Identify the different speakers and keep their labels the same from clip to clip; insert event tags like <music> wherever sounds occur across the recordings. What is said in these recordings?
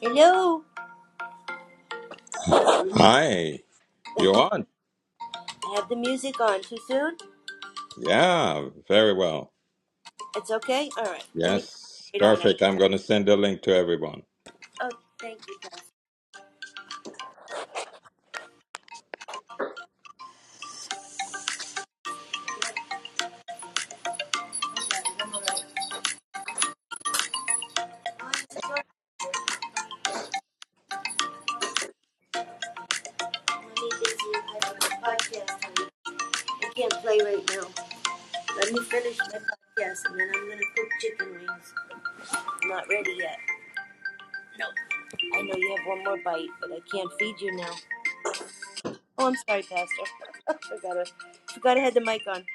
Speaker 1: Hello.
Speaker 2: Hi, you on?
Speaker 1: I have the music on. Too soon?
Speaker 2: Yeah, very well.
Speaker 1: It's okay? Alright. Let me turn
Speaker 2: Yes,
Speaker 1: it on.
Speaker 2: perfect. I'm going to send a link to everyone.
Speaker 1: Oh, thank you, Pastor. Let me busy. I have a podcast. I can't play right now. Let me finish my podcast and then I'm gonna cook chicken wings. I'm not ready yet. No. I know you have one more bite, but I can't feed you now. Oh, I'm sorry, Pastor. <laughs> I forgot to forgot I had the mic on.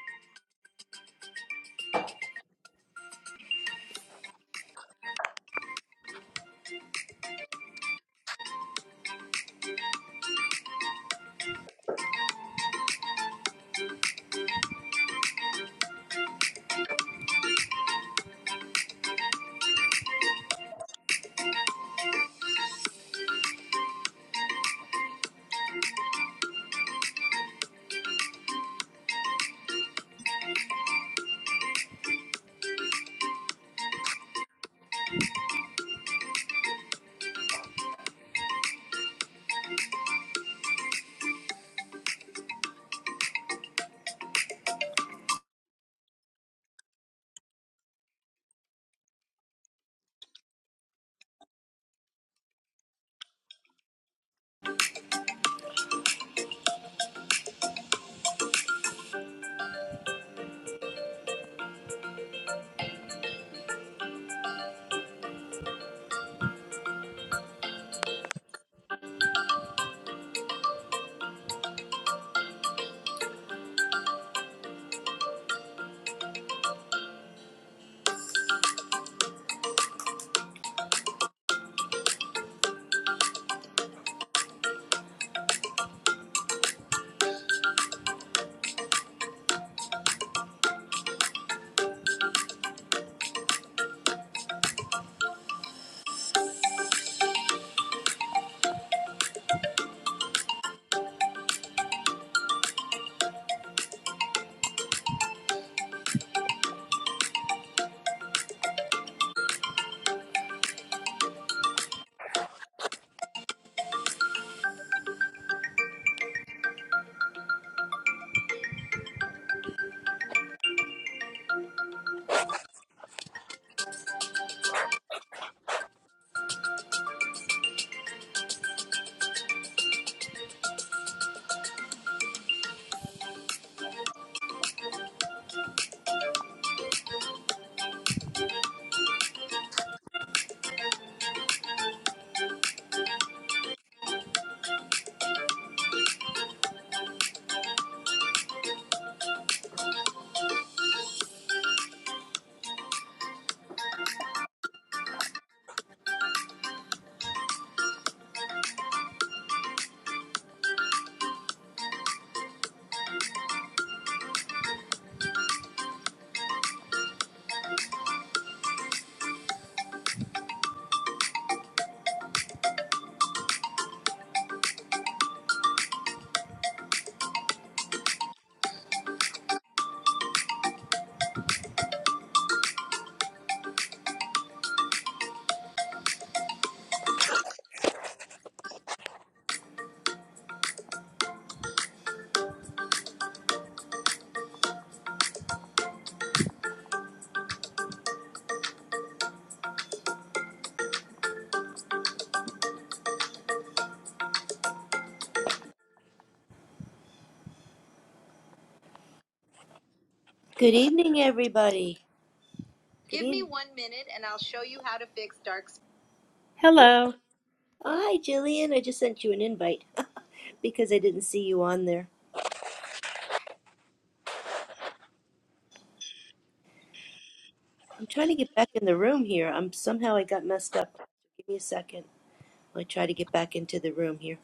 Speaker 1: Good evening, everybody. Good Give me evening. one minute and I'll show you how to fix dark. spots.
Speaker 3: Hello.
Speaker 1: Oh, hi, Jillian. I just sent you an invite <laughs> because I didn't see you on there. I'm trying to get back in the room here. I'm somehow I got messed up. Give me a second. I try to get back into the room here.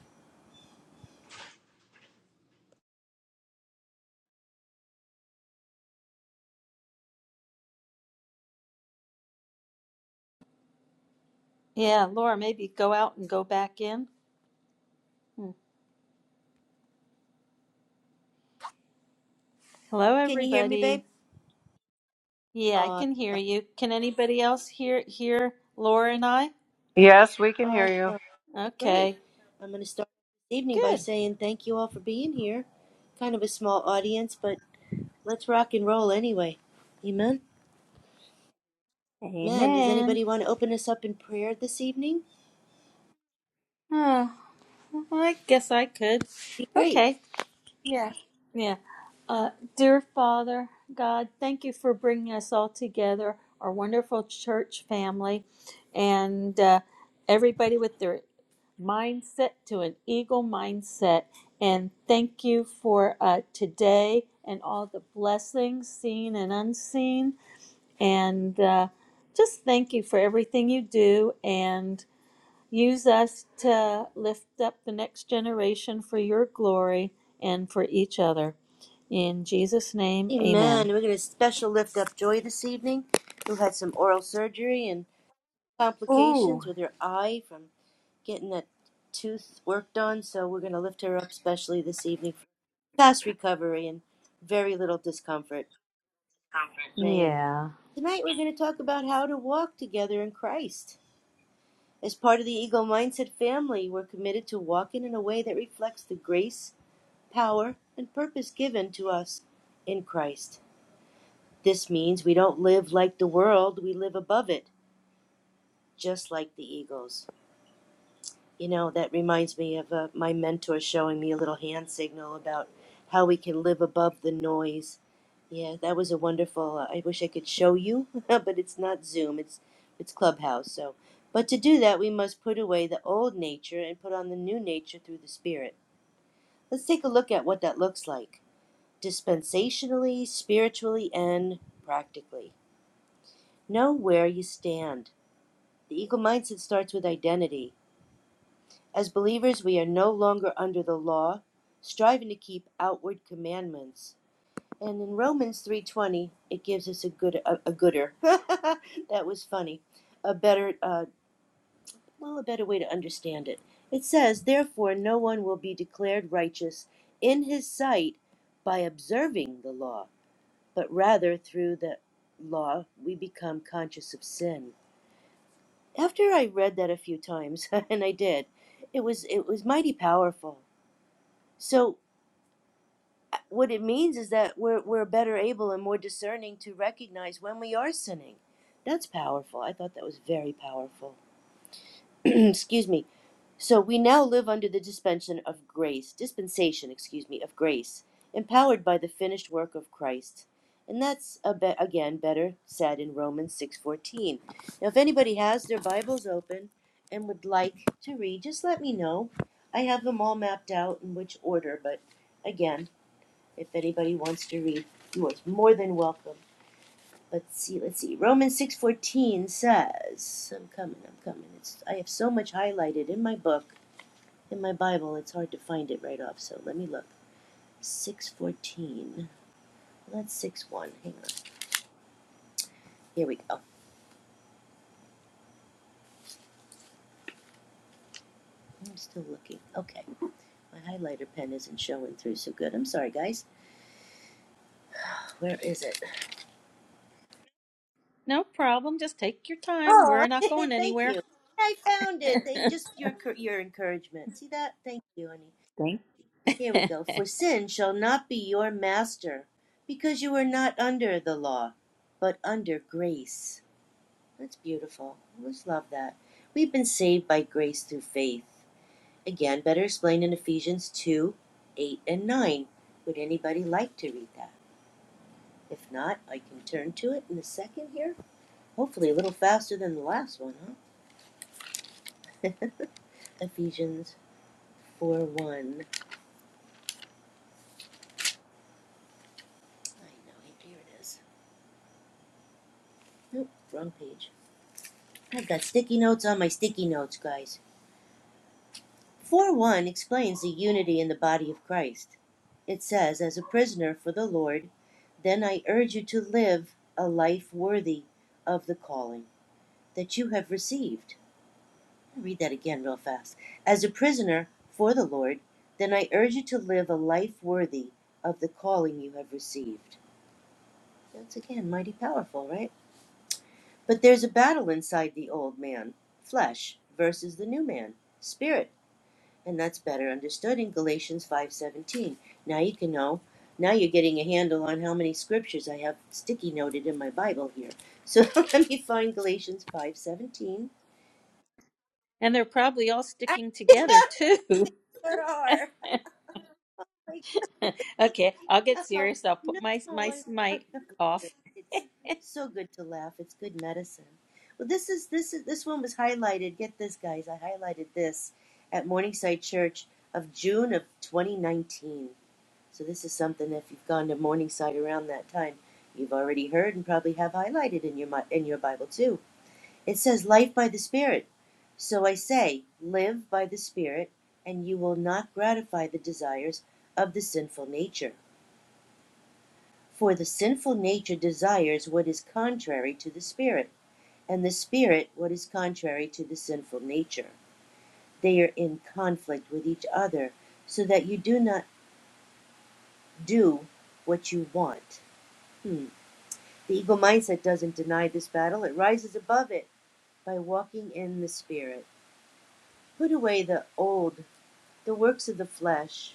Speaker 3: Yeah, Laura, maybe go out and go back in. Hmm. Hello,
Speaker 1: Can you hear me,
Speaker 3: everybody.
Speaker 1: babe?
Speaker 3: Yeah, I
Speaker 1: Awesome.
Speaker 3: can hear you. Can anybody else hear hear Laura and I?
Speaker 4: Yes, we can hear
Speaker 1: Awesome.
Speaker 4: you.
Speaker 1: Okay, great.
Speaker 3: Okay,
Speaker 1: I'm going to start this evening by
Speaker 3: good.
Speaker 1: saying thank you all for being here. Kind of a small audience, but let's rock and roll anyway. Amen. Amen. Does
Speaker 3: Amen.
Speaker 1: anybody want to open us up in prayer this evening?
Speaker 3: Oh, I guess I could.
Speaker 1: Be great.
Speaker 3: Okay. Yeah. Yeah. Uh, dear Father God, thank you for bringing us all together, our wonderful church family, and uh, everybody with their mindset to an eagle mindset. And thank you for uh, today and all the blessings, seen and unseen. And uh, just thank you for everything you do and use us to lift up the next generation for your glory and for each other. In Jesus' name,
Speaker 1: Amen.
Speaker 3: amen.
Speaker 1: We're going to special lift up Joy this evening, who had some oral surgery and
Speaker 3: Ooh,
Speaker 1: complications with her eye from getting that tooth worked on. So we're going to lift her up specially this evening for fast recovery and very little discomfort. Name.
Speaker 3: yeah.
Speaker 1: Tonight we're going to talk about how to walk together in Christ. As part of the Eagle Mindset family, we're committed to walking in a way that reflects the grace, power, and purpose given to us in Christ. This means we don't live like the world, we live above it, just like the eagles. You know, that reminds me of uh, my mentor showing me a little hand signal about how we can live above the noise. Yeah, that was a wonderful. Uh, I wish I could show you, <laughs> but it's not Zoom, it's it's Clubhouse. So, but to do that, we must put away the old nature and put on the new nature through the Spirit. Let's take a look at what that looks like dispensationally, spiritually, and practically. Know where you stand. The eagle mindset starts with identity. As believers, we are no longer under the law, striving to keep outward commandments. And in Romans 3:20, it gives us a good a, a gooder. <laughs> that was funny. A better uh, well, a better way to understand it. It says, "Therefore no one will be declared righteous in his sight by observing the law, but rather through the law we become conscious of sin." after I read that a few times, <laughs> and I did, it was it was mighty powerful. So uh, what it means is that we're we're better able and more discerning to recognize when we are sinning. That's powerful. I thought that was very powerful. <clears throat> Excuse me. So we now live under the dispensation of grace, dispensation, excuse me, of grace, empowered by the finished work of Christ. And that's a be- again better said in Romans 6:14. Now if anybody has their Bibles open and would like to read, just let me know. I have them all mapped out in which order, but again, if anybody wants to read, you are more than welcome. Let's see, let's see. Romans 6:14 says, I'm coming, I'm coming. It's, I have so much highlighted in my book in my Bible, it's hard to find it right off, so let me look. 614. Well, that's six one. Hang on. Here we go. I'm still looking. Okay. My highlighter pen isn't showing through so good. I'm sorry, guys. Where is it?
Speaker 3: No problem. Just take your time.
Speaker 1: Oh,
Speaker 3: We're not
Speaker 1: <laughs>
Speaker 3: going
Speaker 1: thank
Speaker 3: anywhere.
Speaker 1: you. I found it. They just your your encouragement. See that? Thank you, honey.
Speaker 3: Thanks.
Speaker 1: Here we go.
Speaker 3: <laughs>
Speaker 1: For sin shall not be your master, because you are not under the law, but under grace. That's beautiful. I always love that. We've been saved by grace through faith. Again, better explained in Ephesians 2 8 and 9. Would anybody like to read that? If not, I can turn to it in a second here. Hopefully, a little faster than the last one, huh? <laughs> Ephesians 4 1. I know, here it is. Nope, wrong page. I've got sticky notes on my sticky notes, guys. 4 1 explains the unity in the body of Christ. It says, As a prisoner for the Lord, then I urge you to live a life worthy of the calling that you have received. I'll Read that again, real fast. As a prisoner for the Lord, then I urge you to live a life worthy of the calling you have received. That's again mighty powerful, right? But there's a battle inside the old man, flesh, versus the new man, spirit, and that's better understood in Galatians 5:17. Now you can know. Now you're getting a handle on how many scriptures I have sticky noted in my Bible here. So <laughs> let me find Galatians 5:17
Speaker 3: And they're probably all
Speaker 1: I
Speaker 3: sticking
Speaker 1: <laughs>
Speaker 3: together
Speaker 1: they
Speaker 3: too.
Speaker 1: sure are. <laughs> Like,
Speaker 3: <laughs> okay, I'll get
Speaker 1: oh
Speaker 3: serious. I'll
Speaker 1: no,
Speaker 3: put my my
Speaker 1: I thought
Speaker 3: mic
Speaker 1: <laughs>
Speaker 3: off.
Speaker 1: listen, it's so good to laugh. It's good medicine. Well, this is this is this one was highlighted. Get this, guys. I highlighted this at Morningside Church of June of 2019. So this is something. If you've gone to Morningside around that time, you've already heard and probably have highlighted in your mi- in your Bible too. It says life by the Spirit. So I say, live by the Spirit, and you will not gratify the desires of the sinful nature. For the sinful nature desires what is contrary to the Spirit, and the Spirit what is contrary to the sinful nature. They are in conflict with each other, so that you do not do what you want. Hmm. The ego mindset doesn't deny this battle, it rises above it by walking in the Spirit. Put away the old The works of the flesh.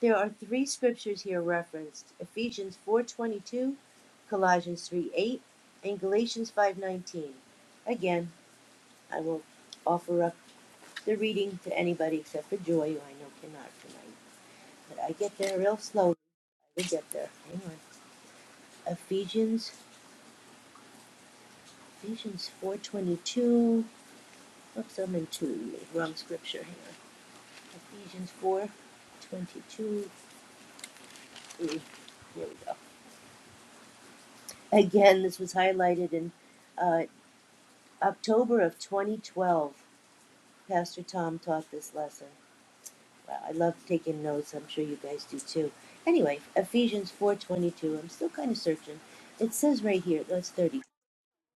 Speaker 1: There are three scriptures here referenced: Ephesians 4:22, Colossians three eight, and Galatians 5:19. Again, I will offer up the reading to anybody except for Joy, who I know cannot tonight. But I get there real slow. I will get there. Hang on. Ephesians, Ephesians 4:22. Oops, I'm in two. Wrong scripture. Hang on. Ephesians 4:22. Here we go. Again, this was highlighted in uh, October of 2012. Pastor Tom taught this lesson. Wow, I love taking notes. I'm sure you guys do too. Anyway, Ephesians 4:22. I'm still kind of searching. It says right here, that's 30.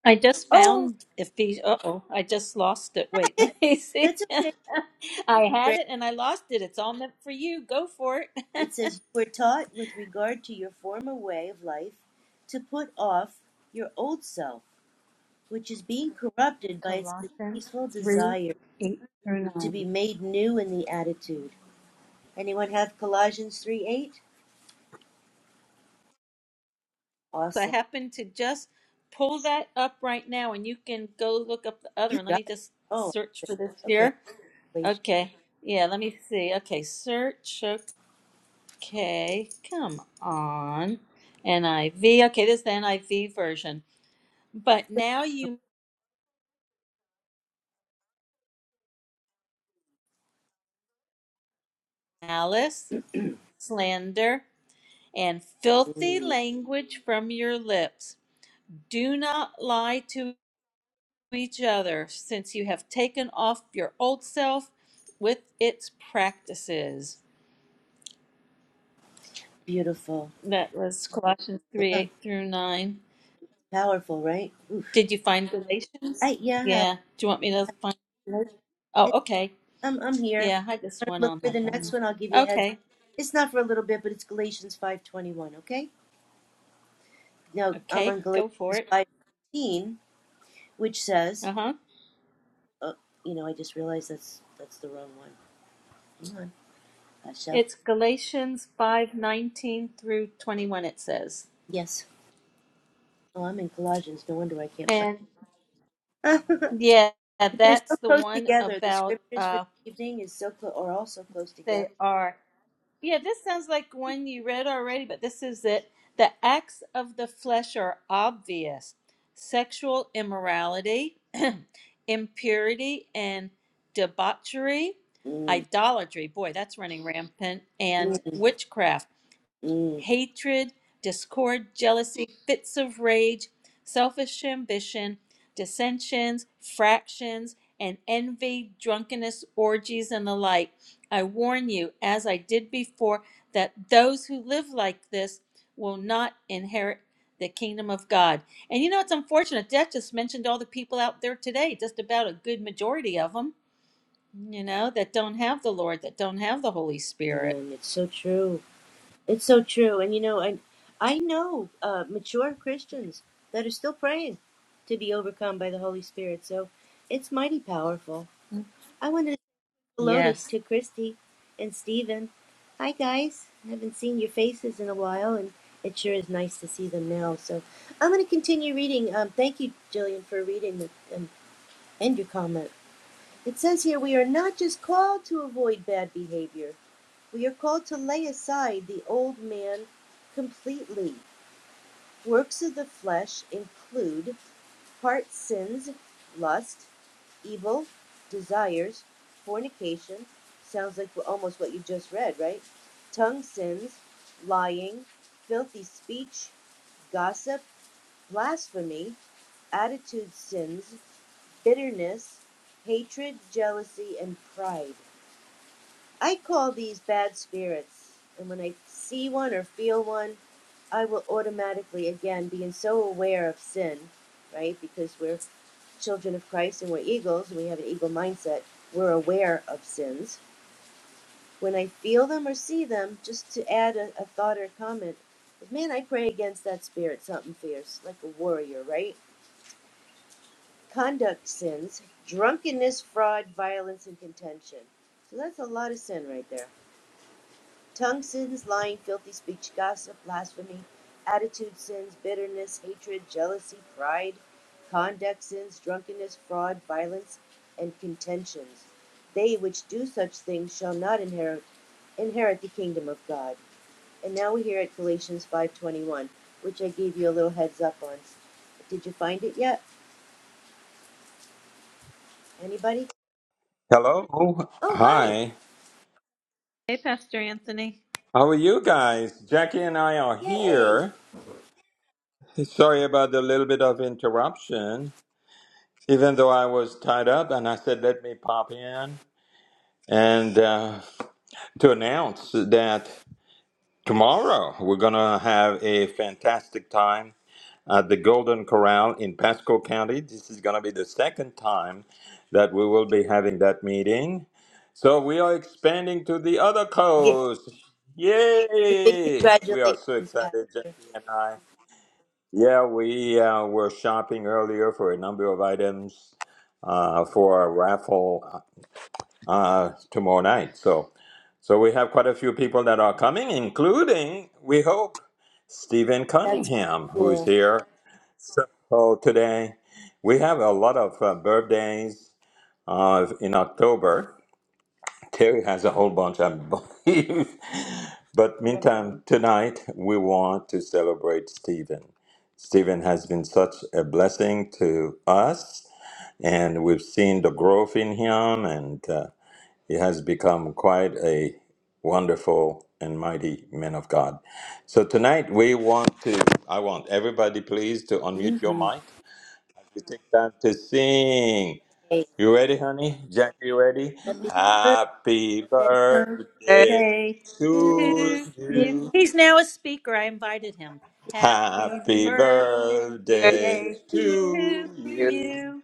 Speaker 3: I just
Speaker 1: Oh,
Speaker 3: found Ephes. Uh oh, I just lost it. Wait, <laughs> let me see.
Speaker 1: that's okay.
Speaker 3: <laughs> I had
Speaker 1: Great.
Speaker 3: it and I lost it. It's all meant for you. Go for it.
Speaker 1: It says you were taught with regard to your former way of life to put off your old self, which is being corrupted by its
Speaker 3: Colossians
Speaker 1: deceitful
Speaker 3: three
Speaker 1: desire
Speaker 3: eight through
Speaker 1: to
Speaker 3: nine.
Speaker 1: be made new in the attitude Anyone have Colossians 3 8?
Speaker 3: I
Speaker 1: Awesome.
Speaker 3: happen to just pull that up right now, and you can go look up the other
Speaker 1: You
Speaker 3: one. Let
Speaker 1: got
Speaker 3: me
Speaker 1: it.
Speaker 3: just
Speaker 1: Oh,
Speaker 3: search for this
Speaker 1: okay.
Speaker 3: here.
Speaker 1: Revelation.
Speaker 3: Okay. Yeah, let me see. Okay, search. Okay, come on. NIV. Okay, this is the NIV version. But now you malice, slander, and filthy language from your lips. Do not lie to each other, since you have taken off your old self with its practices.
Speaker 1: beautiful.
Speaker 3: That was Colossians 3
Speaker 1: Yeah.
Speaker 3: 8 through 9.
Speaker 1: Powerful, right? Oof.
Speaker 3: Did you find Galatians?
Speaker 1: I, yeah, I have
Speaker 3: Yeah. Do you want me to find? Galatians? Oh,
Speaker 1: it.
Speaker 3: okay.
Speaker 1: I'm, I'm here. If
Speaker 3: Yeah, I
Speaker 1: you
Speaker 3: just
Speaker 1: want to
Speaker 3: went
Speaker 1: look
Speaker 3: on
Speaker 1: for
Speaker 3: that
Speaker 1: the next
Speaker 3: one.
Speaker 1: one, I'll give you a heads.
Speaker 3: Okay.
Speaker 1: It's not for a little bit, but it's Galatians 5.21, okay? Now, I'm
Speaker 3: Okay,
Speaker 1: on Galatians
Speaker 3: go for it.
Speaker 1: 5.18, which says,
Speaker 3: Uh-huh.
Speaker 1: oh, you know, I just realized that's that's the wrong one. Hang on. I shall.
Speaker 3: It's Galatians 5:19 through 21 it says.
Speaker 1: Yes. Oh, I'm in Colossians. No wonder I can't
Speaker 3: And
Speaker 1: find it. <laughs>
Speaker 3: yeah,
Speaker 1: They're so
Speaker 3: that's the
Speaker 1: close
Speaker 3: one
Speaker 1: together. The
Speaker 3: about
Speaker 1: scriptures for
Speaker 3: uh
Speaker 1: the evening is so close, are all so close
Speaker 3: they
Speaker 1: together.
Speaker 3: are Yeah, this sounds like one you read already, but this is it. The acts of the flesh are obvious sexual immorality, <clears throat> impurity and debauchery,
Speaker 1: Mm,
Speaker 3: idolatry. Boy, that's running rampant. And
Speaker 1: mm,
Speaker 3: witchcraft
Speaker 1: mm.
Speaker 3: hatred, discord, jealousy, fits of rage, selfish ambition, dissensions, fractions, and envy, drunkenness, orgies, and the like. I warn you, as I did before, that those who live like this will not inherit the kingdom of God. And you know, it's unfortunate. That just mentioned all the people out there today, just about a good majority of them, you know, that don't have the Lord, that don't have the Holy Spirit.
Speaker 1: Man, it's so true. It's so true. And you know, I, I know uh, mature Christians that are still praying to be overcome by the Holy Spirit. So it's mighty powerful. I wanted to say hello to,
Speaker 3: Yes.
Speaker 1: to Christy and Stephen. Hi, guys. I haven't seen your faces in a while, and it sure is nice to see them now. So I'm going to continue reading. Um, thank you, Jillian, for reading the. um, End your comment. It says here we are not just called to avoid bad behavior, we are called to lay aside the old man completely. Works of the flesh include part sins, lust, evil, desires, fornication. Sounds like almost what you just read, right? Tongue sins, lying, filthy speech, gossip, blasphemy, attitude sins, bitterness, hatred, jealousy, and pride. I call these bad spirits, and when I see one or feel one, I will automatically, again, being so aware of sin, right? Because we're children of Christ and we're eagles and we have an eagle mindset, we're aware of sins. When I feel them or see them, just to add a, a thought or comment, man, I pray against that spirit, something fierce, like a warrior, right? Conduct sins, drunkenness, fraud, violence, and contention. So that's a lot of sin right there. Tongue sins, lying, filthy speech, gossip, blasphemy, attitude sins, bitterness, hatred, jealousy, pride, conduct sins, drunkenness, fraud, violence, and contentions. They which do such things shall not inherit inherit the kingdom of God. And now we hear at Galatians 5:21, which I gave you a little heads up on. Did you find it yet? Anybody?
Speaker 2: Hello.
Speaker 1: Oh, hi.
Speaker 2: Hi.
Speaker 3: Hey, Pastor Anthony.
Speaker 2: How are you guys? Jackie and I are
Speaker 1: Yay.
Speaker 2: here. Sorry about the little bit of interruption, even though I was tied up and I said, let me pop in and uh, to announce that tomorrow we're going to have a fantastic time at the Golden Corral in Pasco County. This is going to be the second time that we will be having that meeting. So we are expanding to the other
Speaker 1: <laughs>
Speaker 2: coast.
Speaker 1: Yeah, big
Speaker 2: Yay! We are so
Speaker 1: congratulations,
Speaker 2: excited, Jackie
Speaker 1: Pastor.
Speaker 2: and I. Yeah, we uh, were shopping earlier for a number of items uh, for our raffle uh, uh, tomorrow night. So, so we have quite a few people that are coming, including we hope Stephen
Speaker 1: That's pretty
Speaker 2: Cunningham, who is
Speaker 1: cool.
Speaker 2: here so today we have a lot of uh, birthdays uh, in October. Terry has a whole bunch, I believe. <laughs> But meantime, tonight we want to celebrate Stephen. Stephen has been such a blessing to us, and we've seen the growth in him, and uh, he has become quite a wonderful and mighty man of God. So tonight we want to, I want everybody please to unmute
Speaker 1: mm
Speaker 2: your
Speaker 1: Mhm.
Speaker 2: mic we take time to sing.
Speaker 1: Hey.
Speaker 2: You ready, honey? Jack, you ready?
Speaker 1: Happy birthday
Speaker 2: Happy
Speaker 1: to
Speaker 4: Thank
Speaker 2: birthday
Speaker 3: birthday
Speaker 1: you.
Speaker 2: to
Speaker 3: to
Speaker 4: you,
Speaker 3: you.
Speaker 2: you.
Speaker 3: He's now a speaker. I invited him. Happy
Speaker 2: Happy
Speaker 3: birthday
Speaker 4: thank
Speaker 2: birthday
Speaker 1: Today
Speaker 3: to
Speaker 2: to
Speaker 4: you,
Speaker 2: you.
Speaker 3: you,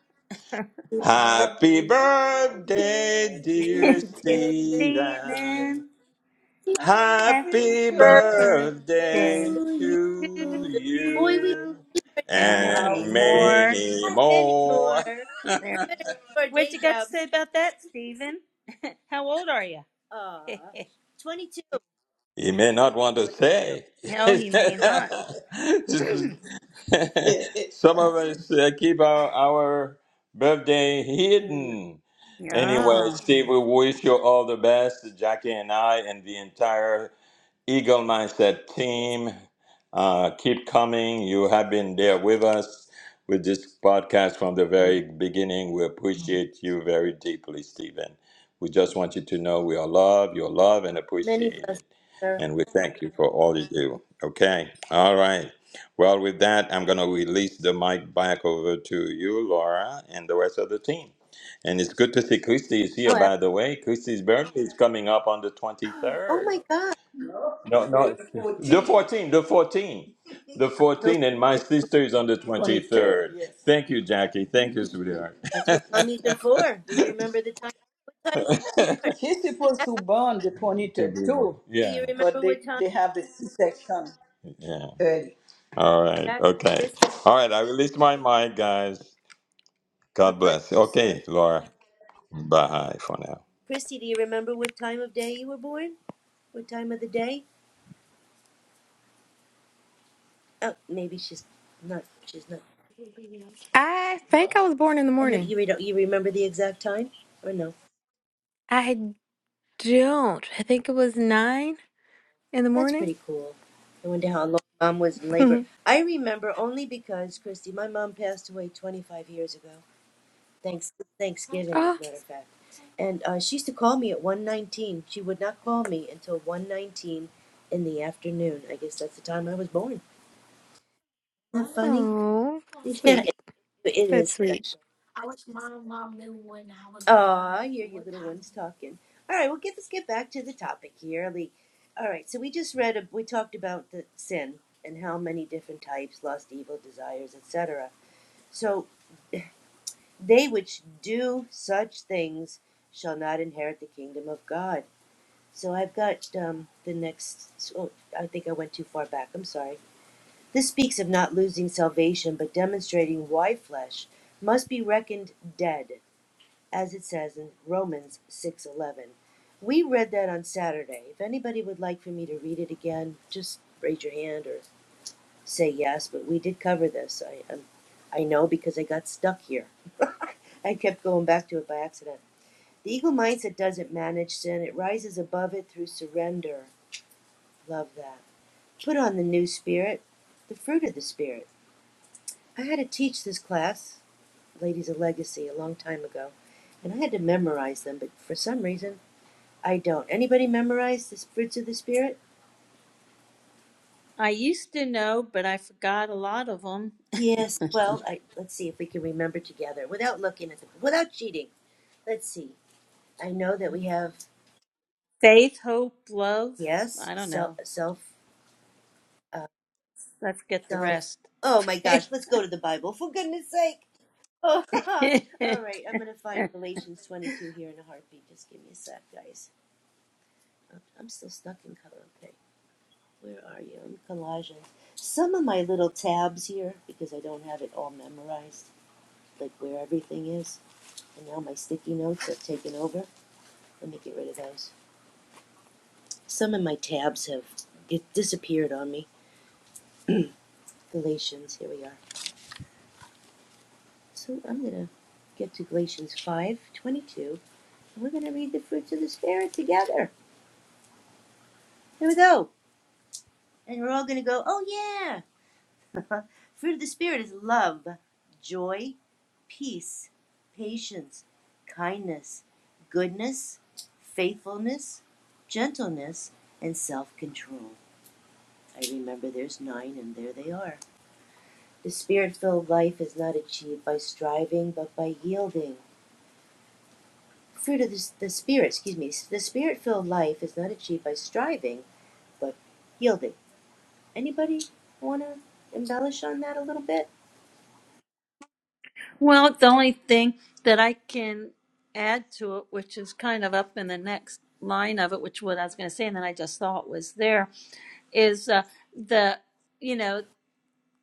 Speaker 3: <laughs>
Speaker 1: To
Speaker 2: Happy birthday, dear
Speaker 3: dear
Speaker 2: Stephen.
Speaker 3: Stephen. Happy
Speaker 2: Happy
Speaker 4: sir.
Speaker 2: birthday
Speaker 3: birthday
Speaker 1: you.
Speaker 3: to
Speaker 2: to you.
Speaker 1: Boy, we
Speaker 3: you, and many
Speaker 2: And
Speaker 3: more.
Speaker 2: many
Speaker 1: have many more.
Speaker 2: more.
Speaker 1: We
Speaker 3: There.
Speaker 1: better keep our
Speaker 3: What
Speaker 1: day
Speaker 3: you got to say
Speaker 1: jobs.
Speaker 3: about that, Stephen? <laughs> How old are you? <laughs>
Speaker 1: Ah, 22.
Speaker 2: You may not want to
Speaker 1: 22.
Speaker 2: say.
Speaker 3: no, he may not.
Speaker 2: <laughs> Some of us uh, keep our, our birthday
Speaker 1: Ooh,
Speaker 2: hidden. Anyway,
Speaker 3: Yeah.
Speaker 2: Steve, we wish you all the best, Jackie and I, and the entire Eagle Mindset
Speaker 1: yes.
Speaker 2: team. Uh, keep coming. You have been there with us with this podcast from the
Speaker 1: me.
Speaker 2: very beginning. We appreciate you very deeply, Stephen. We just want you to know we are loved, you're loved and
Speaker 1: Many
Speaker 2: appreciated.
Speaker 1: blessings, sir.
Speaker 2: And we thank you for all you do. Okay. All right. Well, with that, I'm going to release the mic back over to you, Laura, and the rest of the team. And it's good to see Christy is here,
Speaker 1: Oh, ab-
Speaker 2: by the way. Christy's birthday is coming up on the
Speaker 1: oh
Speaker 2: 23rd.
Speaker 1: my God.
Speaker 2: No, no. The 14, the 14. The
Speaker 1: October
Speaker 2: 14, and my
Speaker 1: 14th.
Speaker 2: sister is on the 23rd, 23rd. yes. Thank you, Jackie. Thank you, sweetheart.
Speaker 1: That's what mommies are for. We remember the time. What time was
Speaker 2: <laughs>
Speaker 1: born?
Speaker 2: She's supposed to born the 23rd too,
Speaker 1: Do
Speaker 2: Yeah,
Speaker 1: you
Speaker 2: but
Speaker 1: remember
Speaker 2: they,
Speaker 1: what time?
Speaker 2: they have the C-section yeah. early. All right,
Speaker 1: Jackie,
Speaker 2: okay.
Speaker 1: Christy?
Speaker 2: All right, I released my mic, guys.
Speaker 1: God
Speaker 2: God
Speaker 1: bless
Speaker 2: bless.
Speaker 1: you, sir.
Speaker 2: Okay, Laura.
Speaker 1: Bye.
Speaker 2: Bye for now.
Speaker 1: Christy, do you remember what time of day you were born? What time of the day? Oh, maybe she's not. She's not.
Speaker 5: I think I was born in the
Speaker 1: And the,
Speaker 5: morning.
Speaker 1: you, re- you remember the exact time? Or no?
Speaker 5: I don't. I think it was nine in the
Speaker 1: That's
Speaker 5: morning.
Speaker 1: pretty cool. I wonder how long mom was in
Speaker 5: <laughs>
Speaker 1: labor.
Speaker 5: oh,
Speaker 1: I remember only because, Christy, my mom passed away 25 years ago. Thanks, Thanksgiving, as a matter of fact. And uh, she used to call me at 1.19. She would not call me until 1.19 in the afternoon. I guess that's the time I was born. Isn't that funny?
Speaker 5: oh,
Speaker 1: <laughs> Yeah,
Speaker 5: sweet.
Speaker 1: it, it is
Speaker 5: That's sweet.
Speaker 1: special. Aw, you're your little ones talking. All right, well, get, let's get back to the topic here. Lee. All right, so we just read, a, we talked about the sin and how many different types, lust, evil, desires, etc. So they which do such things shall not inherit the kingdom of God. So I've got um, the next, oh, I think I went too far back. I'm sorry. This speaks of not losing salvation, but demonstrating why flesh must be reckoned dead as it says in Romans 6:11. We read that on Saturday. If anybody would like for me to read it again, just raise your hand or say yes, but we did cover this. I um, I know because I got stuck here. <laughs> I kept going back to it by accident. The eagle mindset doesn't manage sin. It rises above it through surrender. Love that. Put on the new spirit, the fruit of the spirit. I had to teach this class, Ladies of Legacy, a long time ago, and I had to memorize them, but for some reason I don't. Anybody memorize the fruits of the spirit?
Speaker 3: I used to know, but I forgot a lot of them.
Speaker 1: Yes. Well, I, let's see if we can remember together without looking at the without cheating. Let's see. I know that we have
Speaker 3: Faith, hope, love.
Speaker 1: yes,
Speaker 3: I don't
Speaker 1: self,
Speaker 3: know.
Speaker 1: self, uh,
Speaker 3: I forget the
Speaker 1: self.
Speaker 3: rest.
Speaker 1: Oh my
Speaker 3: <laughs>
Speaker 1: gosh! Let's go to the Bible for goodness sake. Oh, <laughs> all right. I'm gonna find Galatians 22 here in a heartbeat. Just give me a sec, guys. I'm I'm still stuck in color. Okay, where are you? I'm Colossians. Some of my little tabs here because I don't have it all memorized, like where everything is. And now my sticky notes have taken over. Let me get rid of those. Some of my tabs have get disappeared on me. Galatians, here we are. So I'm going to get to Galatians 522 And we're going to read the fruits of the Spirit together. Here we go. And we're all going to go, oh yeah. <laughs> Fruit of the Spirit is love, joy, peace, patience, kindness, goodness, faithfulness, gentleness, and self control. I remember there's nine, and there they are. The spirit filled life is not achieved by striving, but by yielding. Fruit of the, the Spirit, excuse me. The spirit filled life is not achieved by striving, but yielding. Anybody want to embellish on that a little bit?
Speaker 3: well, the only thing that I can add to it, which is kind of up in the next line of it, which what I was going to say, and then I just thought was there, is uh, the you know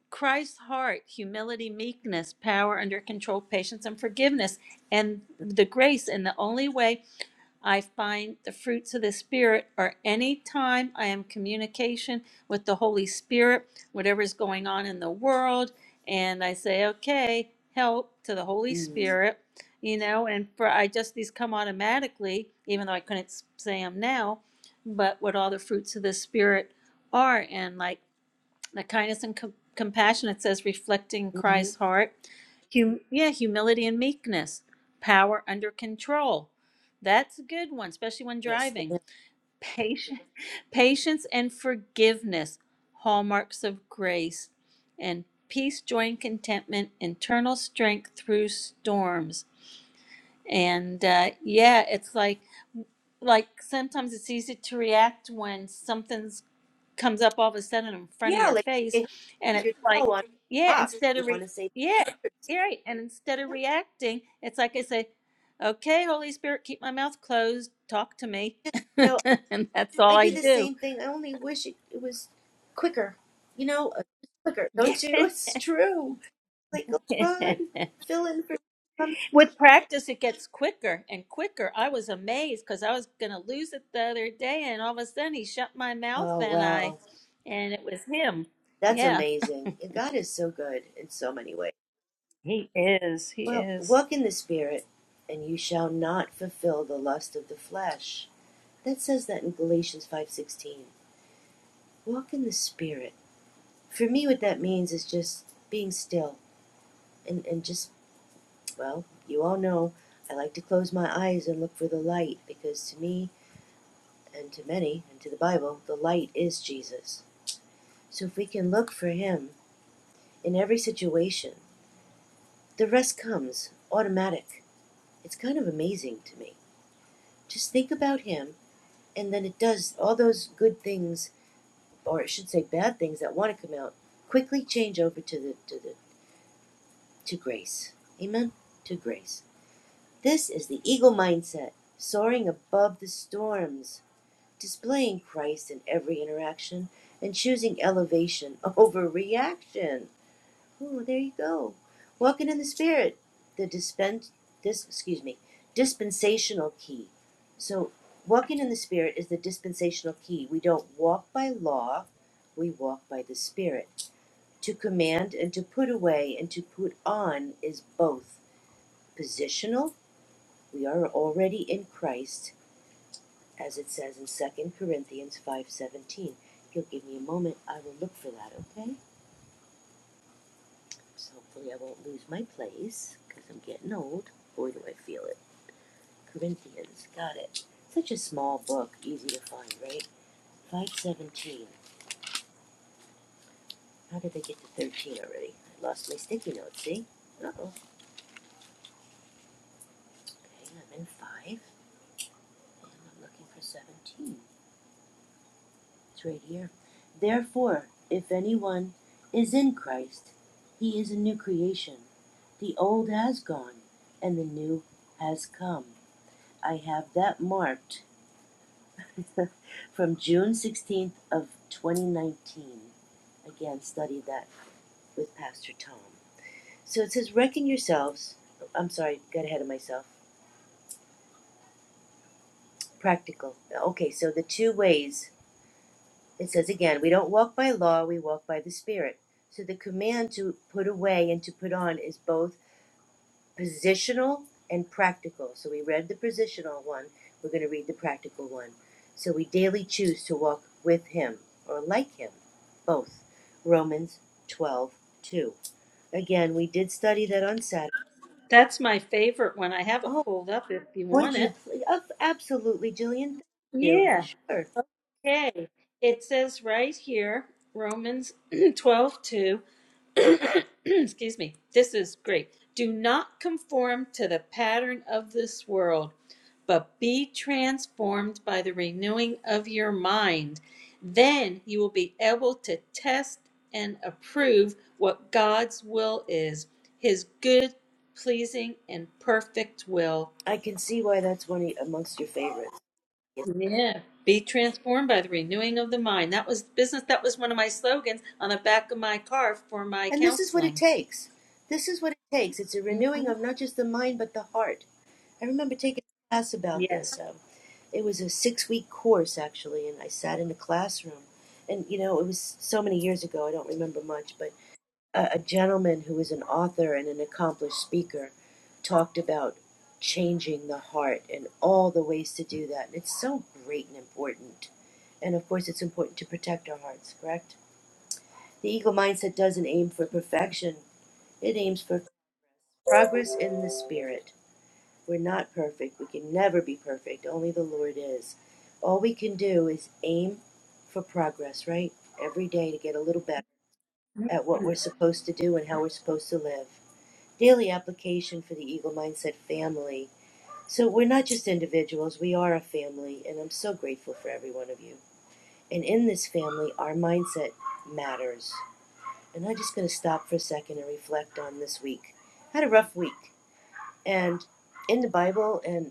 Speaker 3: Christ's heart, humility, meekness, power under control, patience, and forgiveness, and the grace. And the only way I find the fruits of the Spirit are any time I am in communication with the Holy Spirit, whatever is going on in the world, and I say, okay, help to the Holy
Speaker 1: Mm-hmm.
Speaker 3: Spirit, you know, and for I just these come automatically, even though I couldn't s- say them now, but what all the fruits of the Spirit are, and like the kindness and com- compassion, it says, reflecting Christ's heart. Hum- yeah, humility and meekness, power under control. That's a good one, especially when
Speaker 1: Yes,
Speaker 3: driving.
Speaker 1: ma'am.
Speaker 3: Patience, <laughs> patience and forgiveness, hallmarks of grace, and peace, joy, and contentment, internal strength through storms. And uh, yeah, it's like like sometimes it's easy to react when something's comes up all of a sudden in front of
Speaker 1: Yeah,
Speaker 3: your
Speaker 1: like
Speaker 3: face
Speaker 1: you hit
Speaker 3: and it's
Speaker 1: your
Speaker 3: like
Speaker 1: toe on a
Speaker 3: yeah
Speaker 1: rock.
Speaker 3: instead
Speaker 1: You
Speaker 3: of re-
Speaker 1: want to say
Speaker 3: yeah
Speaker 1: words.
Speaker 3: you're right and instead of
Speaker 1: Yeah.
Speaker 3: reacting it's like i say okay holy spirit keep my mouth closed talk to me <laughs>
Speaker 1: You know,
Speaker 3: and that's all
Speaker 1: I
Speaker 3: i
Speaker 1: do the
Speaker 3: do
Speaker 1: same thing. I only wish it, it was quicker. You know, uh, quicker.
Speaker 3: yeah
Speaker 1: Don't you? <laughs> It's true. like, oh God,
Speaker 3: <laughs>
Speaker 1: fill in for. some-"
Speaker 3: with practice it gets quicker and quicker i was amazed because i was going to lose it the other day and all of a sudden he shut my mouth
Speaker 1: Oh
Speaker 3: and i
Speaker 1: wow,
Speaker 3: and it was him
Speaker 1: that's
Speaker 3: yeah
Speaker 1: amazing. God is so good in so many ways.
Speaker 3: he is he
Speaker 1: Well,
Speaker 3: is
Speaker 1: walk in the Spirit, and you shall not fulfill the lust of the flesh. That says that in Galatians five sixteen. Walk in the Spirit. For me, what that means is just being still and and just well, you all know. I like to close my eyes and look for the light because to me and to many and to the Bible, the light is Jesus. So if we can look for him in every situation. The rest comes automatic. It's kind of amazing to me. Just think about him, and then it does all those good things, or I should say bad things that want to come out, quickly change over to the to the to grace. Amen. To grace. This is the eagle mindset, soaring above the storms, displaying Christ in every interaction, and choosing elevation <laughs> over reaction. Oh, there you go. Walking in the Spirit, the dispense, dis, excuse me, dispensational key. So, walking in the Spirit is the dispensational key. We don't walk by law, we walk by the Spirit. To command and to put away and to put on is both positional. We are already in Christ, as it says in Second Corinthians 5:17. If You'll give me a moment, I will look for that, okay? So hopefully I won't lose my place, because I'm getting old. Boy, do I feel it. Corinthians, got it. Such a small book, easy to find, right? 517. How did I get to 13 already? I lost my sticky note, see? Uh-oh. Okay, I'm in 5, and I'm looking for 17. It's right here. Therefore, if anyone is in Christ, he is a new creation. The old has gone, and the new has come. I have that marked <laughs> from June 16th of 2019. Again, studied that with Pastor Tom. So it says, reckon yourselves. I'm sorry, got ahead of myself. Practical. Okay, so the two ways. It says again, we don't walk by law, we walk by the Spirit. So the command to put away and to put on is both positional and practical. So we read the positional one, we're going to read the practical one. So we daily choose to walk with him or like him, both. Romans 12:2. Again, we did study that on Saturday.
Speaker 3: That's my favorite one. I have it
Speaker 1: Oh,
Speaker 3: pulled up if you
Speaker 1: would
Speaker 3: want
Speaker 1: you
Speaker 3: it.
Speaker 1: please? Oh, absolutely, Jillian. Thank you.
Speaker 3: Yeah.
Speaker 1: Sure.
Speaker 3: Okay. It says right here, Romans <clears throat> 12 2. <clears throat> Excuse me. This is great. Do not conform to the pattern of this world, but be transformed by the renewing of your mind. Then you will be able to test and approve what God's will is, his good, pleasing, and perfect will.
Speaker 1: I can see why that's one of- amongst your favorites. Yes.
Speaker 3: Yeah. Be transformed by the renewing of the mind. That was business. That was one of my slogans on the back of my car for my
Speaker 1: And this is what it
Speaker 3: counseling.
Speaker 1: takes. This is what it takes. It's a
Speaker 3: hmm
Speaker 1: renewing of not just the mind, but the heart. I remember taking a class about
Speaker 3: Yes.
Speaker 1: this. Um, it was a six week course, actually, and I sat in a classroom. And, you know, it was so many years ago, I don't remember much, but a, a gentleman who was an author and an accomplished speaker talked about changing the heart and all the ways to do that. And it's so great and important. And of course, it's important to protect our hearts, correct? The eagle mindset doesn't aim for perfection, it aims for progress in the spirit. We're not perfect. We can never be perfect. Only the Lord is. All we can do is aim for progress, right? Every day to get a little better at what we're supposed to do and how we're supposed to live. Daily application for the Eagle Mindset family. So we're not just individuals, we are a family, and I'm so grateful for every one of you. And in this family, our mindset matters. And I'm just going to stop for a second and reflect on this week. I had a rough week, and in the Bible and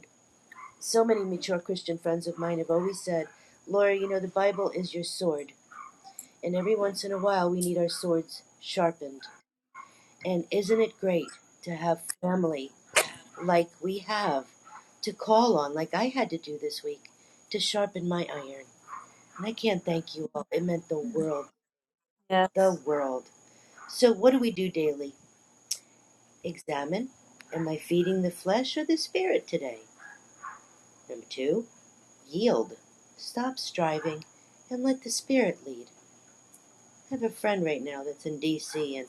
Speaker 1: So many mature Christian friends of mine have always said, Laura, you know, the Bible is your sword, and every once in a while we need our swords sharpened. And isn't it great to have family like we have to call on, like I had to do this week, to sharpen my iron? And I can't thank you all. It meant the world,
Speaker 3: Yeah.
Speaker 1: the world. So, what do we do daily? Examine. Am I feeding the flesh or the spirit today? Number two, yield. Stop striving and let the spirit lead. I have a friend right now that's in D.C. and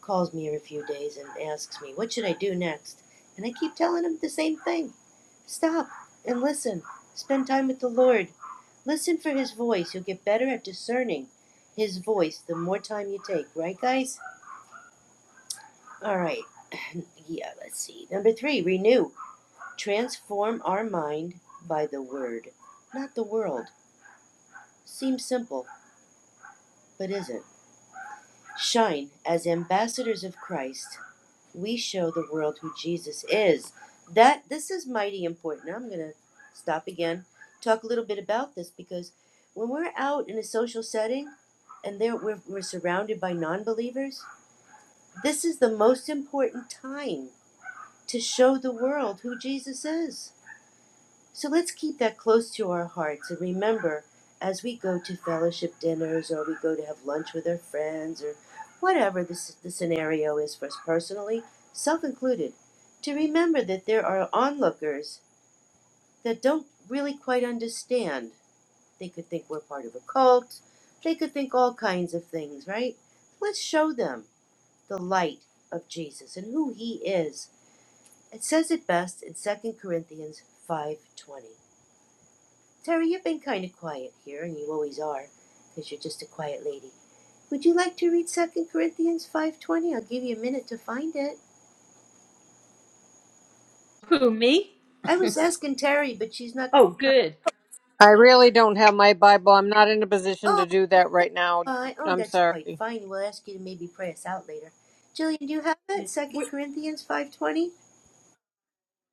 Speaker 1: calls me every few days and asks me, What should I do next? And I keep telling him the same thing stop and listen, spend time with the Lord. Listen for his voice. You'll get better at discerning his voice the more time you take, right, guys? All right. <clears throat> <laughs> yeah, let's see. Number three, renew. Transform our mind by the word, not the world. Seems simple, but isn't. Shine as ambassadors of Christ we show the world who Jesus is. That this is mighty important. I'm going to stop again, talk a little bit about this because when we're out in a social setting and there we're, we're surrounded by non-believers, this is the most important time to show the world who Jesus is. So let's keep that close to our hearts and remember as we go to fellowship dinners or we go to have lunch with our friends or whatever the, s- the scenario is for us personally, self included, to remember that there are onlookers that don't really quite understand. They could think we're part of a cult, they could think all kinds of things, right? Let's show them the light of Jesus and who he is. It says it best in Second Corinthians 5:20. Terry, you've been kind of quiet here, and you always are, 'cause you're just a quiet lady. Would you like to read Second Corinthians 5.20? I'll give you a minute to find it.
Speaker 3: Who me?
Speaker 1: I was asking Terry, but she's not...
Speaker 3: Oh, good.
Speaker 4: I really don't have my Bible. I'm not in a position to
Speaker 1: Oh,
Speaker 4: do that right now.
Speaker 1: uh, oh,
Speaker 4: I'm
Speaker 1: that's quite
Speaker 4: sorry.
Speaker 1: fine. We'll ask you to maybe pray us out later. Jillian, do you have
Speaker 3: Yeah.
Speaker 1: it? Second
Speaker 3: Wh-
Speaker 1: Corinthians 5.20?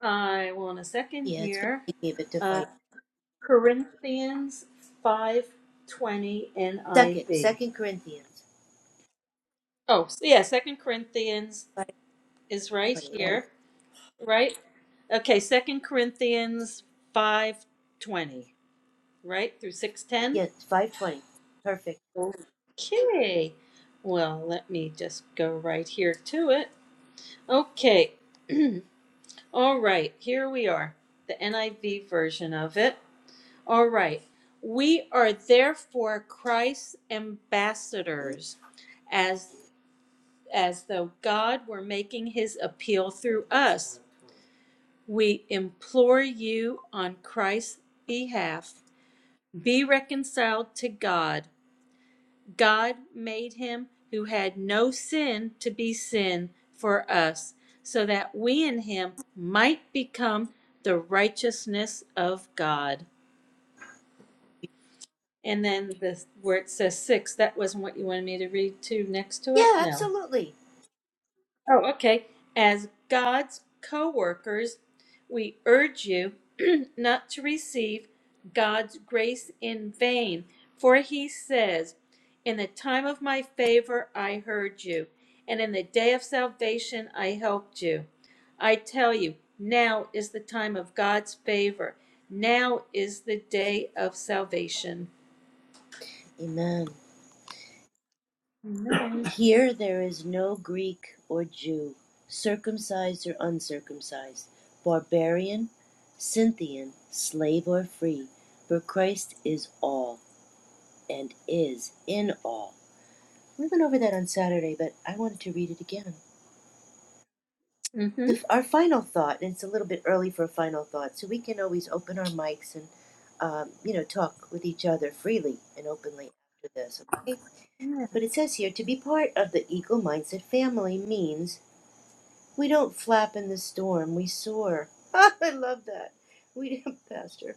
Speaker 3: I will in a second
Speaker 1: Yeah, it's going
Speaker 3: here.
Speaker 1: to take me a bit to
Speaker 3: Uh,
Speaker 1: find it.
Speaker 3: Corinthians five twenty
Speaker 1: Second,
Speaker 3: NIV.
Speaker 1: Second Corinthians
Speaker 3: Oh, so yeah. Second Corinthians is right
Speaker 1: 5.20. That-
Speaker 3: here, right? Okay. Second Corinthians five twenty, right through six ten.
Speaker 1: Yeah, 5.20. Perfect.
Speaker 3: Okay. Well, let me just go right here to it. Okay. All right. Here we are. The NIV version of it. All right. We are therefore Christ's ambassadors as as though God were making his appeal through us. We implore you on Christ's behalf, be reconciled to God. God made him who had no sin to be sin for us, so that we in him might become the righteousness of God. And then the where it says six, that wasn't what you wanted me to read to next to it?
Speaker 1: Yeah,
Speaker 3: No.
Speaker 1: absolutely.
Speaker 3: Oh, okay. As God's co workers, we urge you <clears throat> not to receive God's grace in vain, for he says, In the time of my favor I heard you, and in the day of salvation I helped you. I tell you, now is the time of God's favor. Now is the day of salvation.
Speaker 1: Amen. Here there is no Greek or Jew, circumcised or uncircumcised, barbarian, Scythian, slave or free, for Christ is all and is in all. We went over that on Saturday, but I wanted to read it again.
Speaker 3: Mm-hmm.
Speaker 1: The, our final thought, and it's a little bit early for a final thought, so we can always open our mics and, um, you know, talk with each other freely and openly after this, okay? But it says here to be part of the Eagle Mindset family means We don't flap in the storm, we soar. <laughs> I love that. We, <laughs> Pastor.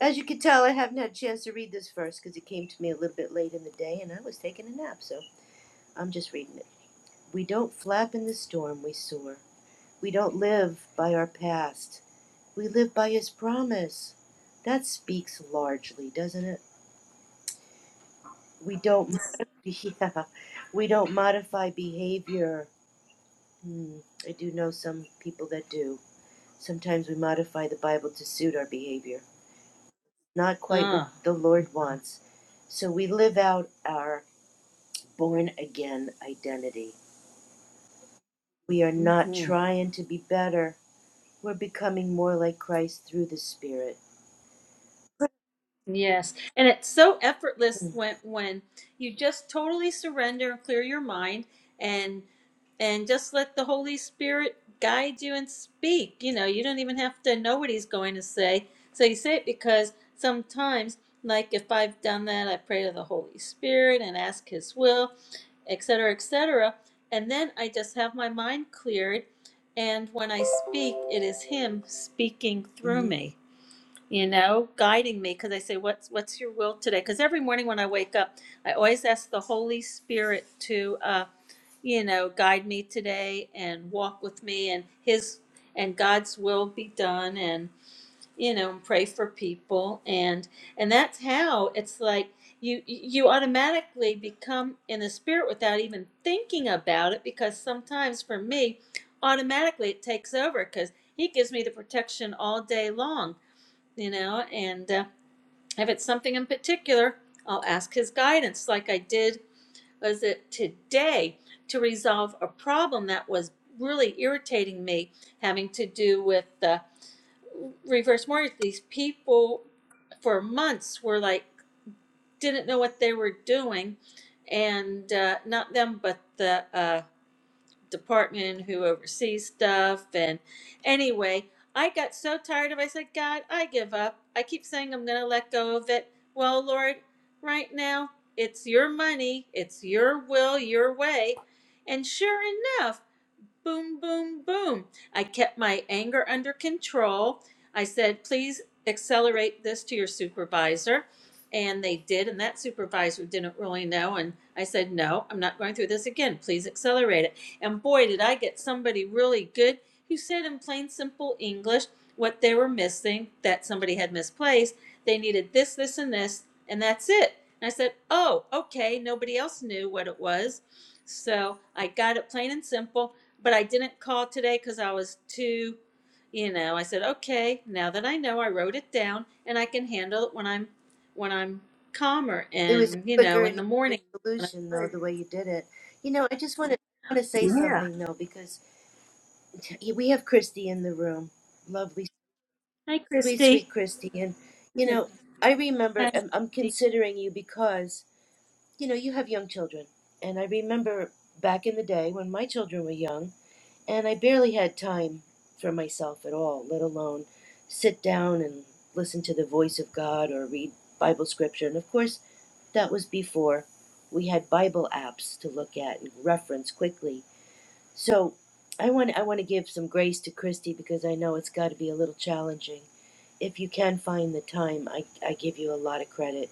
Speaker 1: As you can tell, I haven't had a chance to read this verse because it came to me a little bit late in the day and I was taking a nap, so I'm just reading it. We don't flap in the storm, we soar. We don't live by our past, we live by His promise. That speaks largely, doesn't it? We don't, <laughs> yeah, we don't modify behavior. Hmm, I do know some people that do. Sometimes we modify the Bible to suit our behavior, not quite what
Speaker 3: Ah.
Speaker 1: the Lord wants. So we live out our born again identity. We are not
Speaker 3: mm-hmm.
Speaker 1: trying to be better, we're becoming more like Christ through the Spirit.
Speaker 3: Yes, and it's so effortless when when you just totally surrender and clear your mind and and just let the Holy Spirit guide you and speak. You know, you don't even have to know what he's going to say. So you say it because sometimes, like if I've done that, I pray to the Holy Spirit and ask his will, etc., etc. And then I just have my mind cleared, and when I speak, it is him speaking through
Speaker 1: hmm
Speaker 3: me you know, guiding me because I say, "What's what's your will today?" Because every morning when I wake up, I always ask the Holy Spirit to, uh, you know, guide me today and walk with me, and His and God's will be done, and you know, pray for people, and and that's how it's like you you automatically become in the spirit without even thinking about it because sometimes for me automatically it takes over because he gives me the protection all day long you know, and uh, if it's something in particular, I'll ask his guidance, like I did, was it today, to resolve a problem that was really irritating me, having to do with the reverse mortgage. These people for months were like, didn't know what they were doing, and uh, not them, but the uh, department who oversees stuff. And anyway, I got so tired of it. I said, God, I give up. I keep saying I'm going to let go of it. Well, Lord, right now, it's your money, it's your will, your way. And sure enough, boom, boom, boom. I kept my anger under control. I said, please accelerate this to your supervisor. And they did, and that supervisor didn't really know. And I said, no, I'm not going through this again. Please accelerate it. And boy, did I get somebody really good who said in plain, simple English what they were missing that somebody had misplaced. They needed this, this, and this, and that's it. And I said, oh, okay. Nobody else knew what it was. So I got it plain and simple but I didn't call today because I was too, you know, I said, okay, now that I know, I wrote it down and I can handle it when I'm, when I'm calmer
Speaker 1: It was a
Speaker 3: and, you know,
Speaker 1: quicker
Speaker 3: in
Speaker 1: and
Speaker 3: the
Speaker 1: easier
Speaker 3: morning when I
Speaker 1: solution, though,
Speaker 3: pray.
Speaker 1: the way you did it. You know, I just want to want to say
Speaker 3: Yeah.
Speaker 1: something though, because <laughs> we have Christy in the room, lovely,
Speaker 3: Hi,
Speaker 1: sweet, sweet
Speaker 3: Christy.
Speaker 1: Christy, and you know, I remember
Speaker 3: Hi,
Speaker 1: I'm, I'm
Speaker 3: Christy.
Speaker 1: considering you because you know, you have young children. And I remember back in the day when my children were young, and I barely had time for myself at all, let alone sit down and listen to the voice of God or read Bible scripture. And of course, that was before we had Bible apps to look at and reference quickly. So I want I want to give some grace to Christy because I know it's got to be a little challenging. If you can find the time, I, I give you a lot of credit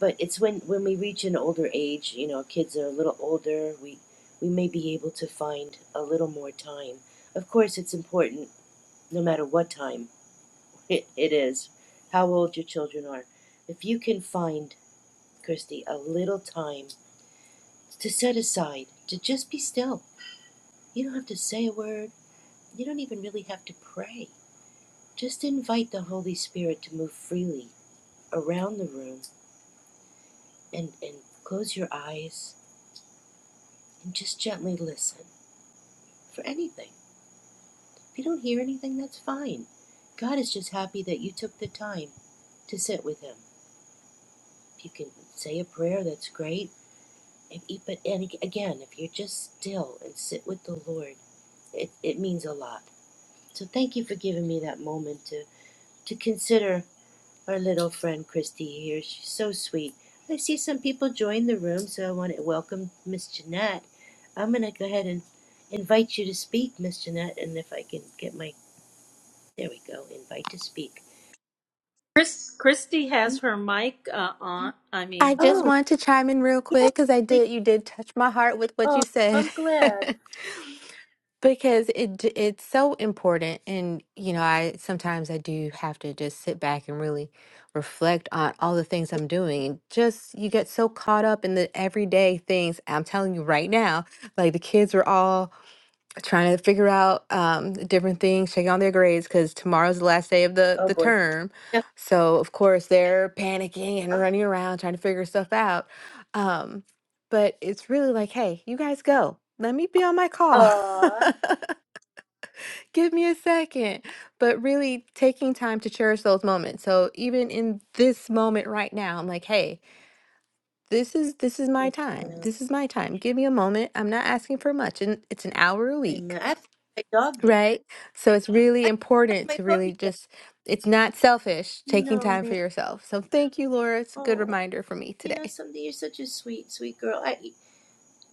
Speaker 1: but it's when when we reach an older age you know kids are a little older we we may be able to find a little more time of course it's important no matter what time <laughs> it, it is how old your children are if you can find christy a little time to set aside to just be still you don't have to say a word you don't even really have to pray just invite the holy spirit to move freely around the room and and close your eyes and just gently listen for anything. If you don't hear anything, that's fine. God is just happy that you took the time to sit with Him. If you can say a prayer, that's great. If, but and again, if you're just still and sit with the Lord, it, it means a lot. So thank you for giving me that moment to, to consider our little friend Christy here. She's so sweet. I see some people join the room, so I want to welcome Miss Jeanette. I'm going to go ahead and invite you to speak, Miss Jeanette, and if I can get my There we go. Invite to speak.
Speaker 3: Chris, Christy has her mic uh, on. I
Speaker 5: I
Speaker 3: mean,
Speaker 5: just
Speaker 1: Oh,
Speaker 5: wanted to chime in real
Speaker 1: yes,
Speaker 5: quick because I
Speaker 1: please.
Speaker 5: did. You did touch my heart with what
Speaker 1: Oh,
Speaker 5: you said
Speaker 1: I'm gl-
Speaker 5: <laughs> because it d- it's so important. And you know, I sometimes I do have to just sit back and really reflect on all the things I'm doing. And just you get so caught up in the everyday things. I'm telling you right now, like the kids were all. trying to figure out um, different things, checking on their grades because tomorrow's the last day of the
Speaker 1: Oh,
Speaker 5: the
Speaker 1: boy.
Speaker 5: term. So of course they're panicking and running around trying to figure stuff out. Um, but it's really like, hey, you guys go. Let me be on my call. <laughs>
Speaker 1: Oh,
Speaker 5: Give me a second. But really taking time to cherish those moments. So even in this moment right now, I'm like, hey, this is this is
Speaker 1: yes.
Speaker 5: my time.
Speaker 1: ma'am.
Speaker 5: This is my time. Give me a moment. I'm not asking for much. And it's an hour a week
Speaker 1: Amen. I have to tell my dog that.
Speaker 5: Right? So it's really
Speaker 1: I have to tell
Speaker 5: important
Speaker 1: my
Speaker 5: to really
Speaker 1: puppy that.
Speaker 5: just, it's not selfish taking
Speaker 1: No,
Speaker 5: time for
Speaker 1: man.
Speaker 5: yourself. So thank you, Laura. It's a good
Speaker 1: Oh,
Speaker 5: reminder for me
Speaker 1: you know
Speaker 5: today.
Speaker 1: something? You're such a sweet, sweet girl. I,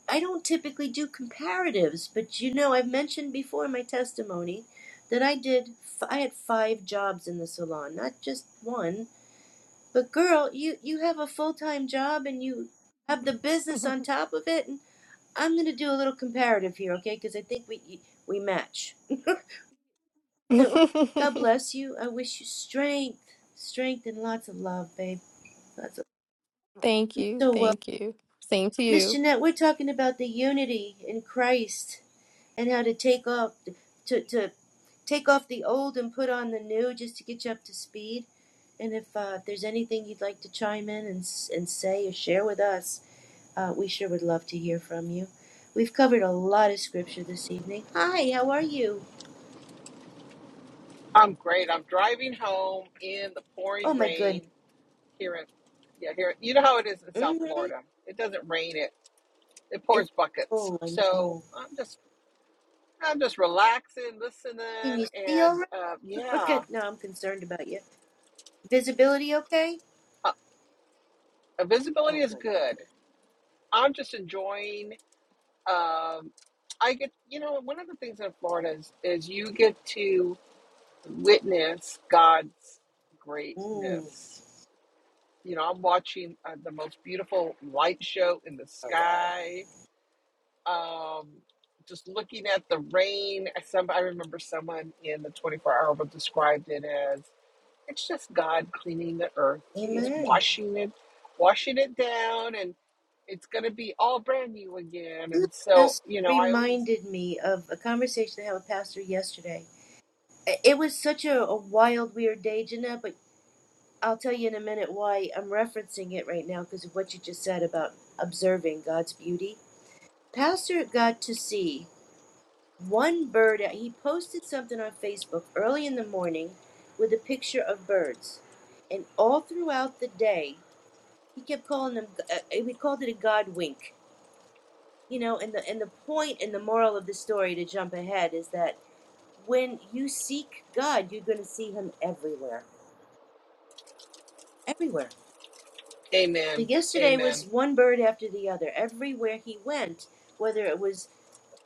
Speaker 1: I don't typically do comparatives, but you know, I've mentioned before in my testimony that I did. f- I had five jobs in the salon, not just one. But girl, you you have a full time job and you have the business on top of it. I'm gonna do a little comparative here, okay? Because I think we we match. <laughs> So God
Speaker 5: <laughs>
Speaker 1: bless you. I wish you strength, strength, and lots of love, babe. Lots of
Speaker 5: Thank
Speaker 1: you
Speaker 5: you.
Speaker 1: so well,
Speaker 5: Thank you. Same to
Speaker 1: Miss
Speaker 5: you.
Speaker 1: Jeanette. We're talking about the unity in Christ and how to take off to to take off the old and put on the new, just to get you up to speed. And if uh, there's anything you'd like to chime in and and say or share with us, Uh, we sure would love to hear from you. We've covered a lot of scripture this evening. Hi, how are you?
Speaker 6: I'm great. I'm driving home in the
Speaker 1: Oh
Speaker 6: pouring
Speaker 1: my goodness.
Speaker 6: rain here in yeah here. You know how it is in South
Speaker 1: Mm-hmm.
Speaker 6: Florida. It doesn't rain. It it
Speaker 1: It's
Speaker 6: pours buckets.
Speaker 1: oh I
Speaker 6: So
Speaker 1: know.
Speaker 6: I'm just I'm just relaxing,
Speaker 1: Can
Speaker 6: listening,
Speaker 1: you see all
Speaker 6: and uh,
Speaker 1: right? <laughs>
Speaker 6: yeah,
Speaker 1: good. No, I'm concerned about you. Visibility okay?
Speaker 6: uh, visibility
Speaker 1: Oh
Speaker 6: is
Speaker 1: good, good,
Speaker 6: good. I'm just enjoying. Um, I get you know one of the things in Florida is is you get to witness God's
Speaker 1: good. Mm.
Speaker 6: greatness You know, I'm watching uh, the most beautiful light show in the
Speaker 1: Oh wow.
Speaker 6: sky. Um, just looking at the rain. Some I remember someone in the 24 hour book described it as it's just God cleaning the earth. He's
Speaker 1: Amen.
Speaker 6: washing it, washing it down, and it's going to be all brand new again.
Speaker 1: You
Speaker 6: And so,
Speaker 1: just
Speaker 6: you know, I always,
Speaker 1: reminded me of a conversation I had with Pastor yesterday. I- It was such a, a wild, weird day, Jeanette, but I'll tell you in a minute why I'm referencing it right now because of what you just said about observing God's beauty. Pastor got to see one bird. uh, He posted something on Facebook early in the morning with a picture of birds. And all throughout the day, he kept calling them, uh, uh, we called it a God wink. You know, and the, and the point and the moral of the story to jump ahead is that when you seek God, you're going to see him everywhere. Everywhere So
Speaker 6: Amen,
Speaker 1: yesterday
Speaker 6: Amen,
Speaker 1: was one bird after the other. Everywhere he went, whether it was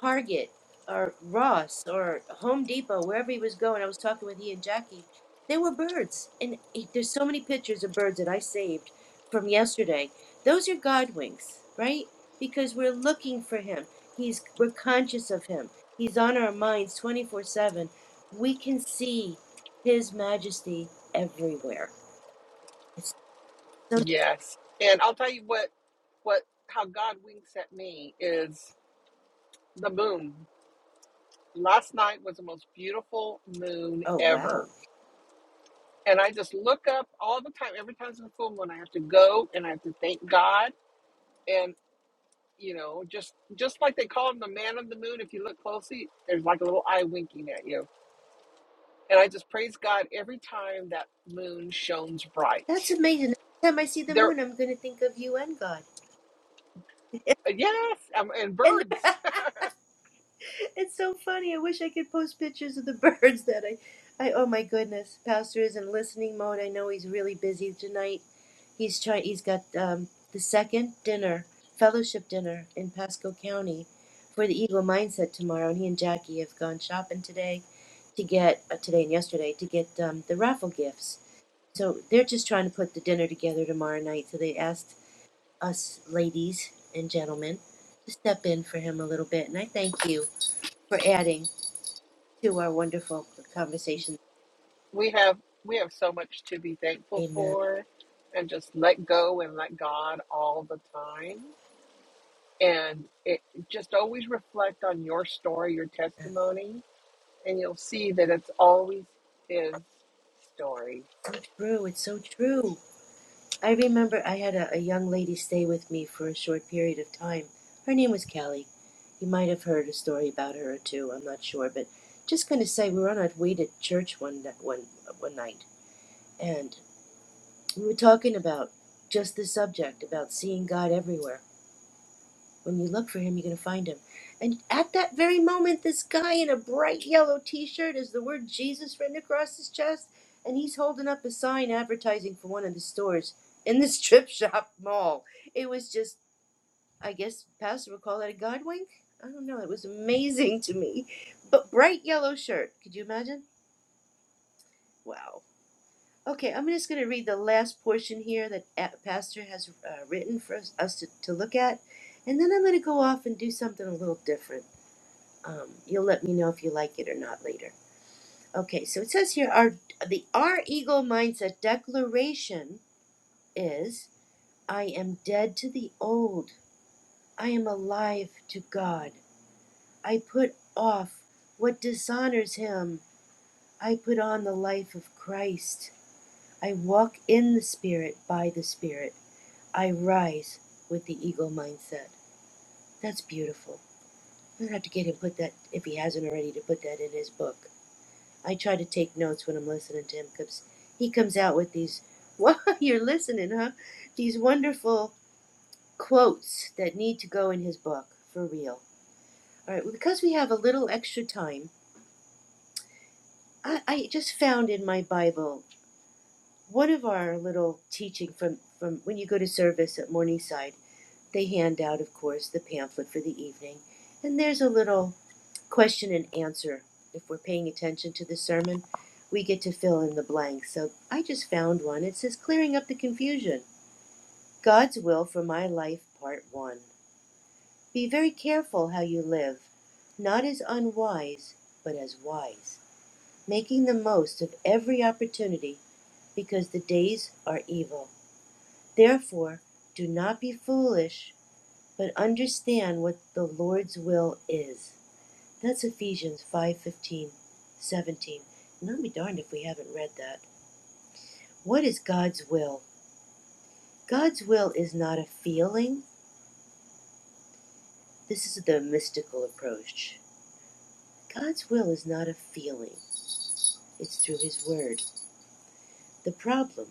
Speaker 1: Target or Ross or Home Depot, wherever he was going, I was talking with he and Jackie. There were birds, and he- there's so many pictures of birds that I saved from yesterday. Those are God winks, right? Because we're looking for him. He's we're conscious of him. He's on our minds 24/7. We can see his majesty everywhere. It's so
Speaker 6: yes. And I'll tell you what, what, how God winks at me is the moon. last night was the most beautiful moon
Speaker 1: oh wow.
Speaker 6: ever. And I just look up all the time. Every time it's a full moon, I have to go and I have to thank God. And you know, just just like they call him the man of the moon, if you look closely, there's like a little eye winking at you. And I just praise God every time that moon shines bright.
Speaker 1: That's amazing. Every time I see the
Speaker 6: There,
Speaker 1: moon, I'm going to think of you and God.
Speaker 6: yes, um, and
Speaker 1: And
Speaker 6: birds. <laughs>
Speaker 1: <laughs> it's so funny. I wish I could post pictures of the <laughs> birds that I, I oh my goodness, Pastor is in listening mode. I know he's really busy tonight. He's trying. He's got um, the second dinner, fellowship dinner in Pasco County, for the Eagle Mindset tomorrow. And he and Jackie have gone shopping today, to get uh, today and yesterday to get um, the raffle gifts. So they're just trying to put the dinner together tomorrow night. So they asked us ladies and gentlemen to step in for him a little bit. And I thank you for adding to our wonderful conversation.
Speaker 6: we have we have so much to be thankful
Speaker 1: Amen.
Speaker 6: for, and just let go and let God all the time and it, just always reflect on your story, your testimony, and you'll see that it's always his story.
Speaker 1: So true. It's so true. I remember I had a, a young lady stay with me for a short period of time. Her name was Callie. You might have heard a story about her or two. I'm not sure, but just going to say we were on our way to church one ni- one one night, and we were talking about just the subject about seeing God everywhere When you look for him, you're going to find him. And at that very moment, this guy in a bright yellow t shirt has the word Jesus written across his chest, and he's holding up a sign advertising for one of the stores in the <laughs> strip shop mall. It was just, I guess, Pastor would call that a God wink. I don't know. It was amazing to me. But bright yellow shirt. Could you imagine? Wow. Okay, I'm just going to read the last portion here that uh, Pastor has uh, written for us, us to, to look at, and then I'm going to go off and do something a little different. Um, you'll let me know if you like it or not later. Okay, so it says here our the our ego mindset declaration is I am dead to the old. I am alive to God. I put off what dishonors him. I put on the life of Christ. I walk in the spirit by the spirit. I rise with the ego mindset. That's beautiful. I'm gonna have to get him put that if he hasn't already to put that in his book. I try to take notes when I'm listening to him because he comes out with these, <laughs> well, you're listening, huh? These wonderful quotes that need to go in his book, for real. All right, well, because we have a little extra time, I, I just found in my Bible one of our little teaching from, from when you go to service at Morningside. They hand out, of course, the pamphlet for the evening. And there's a little question and answer. If we're paying attention to the sermon, we get to fill in the blanks. So I just found one. It says Clearing Up the Confusion God's Will for My Life, Part 1. Be very careful how you live, not as unwise, but as wise, making the most of every opportunity, because the days are evil. Therefore, do not be foolish, but understand what the Lord's will is. That's Ephesians five fifteen, seventeen. 15, 17. And I'll be darned if we haven't read that. What is God's will? God's will is not a feeling. This is the mystical approach. God's will is not a feeling, it's through His Word. The problem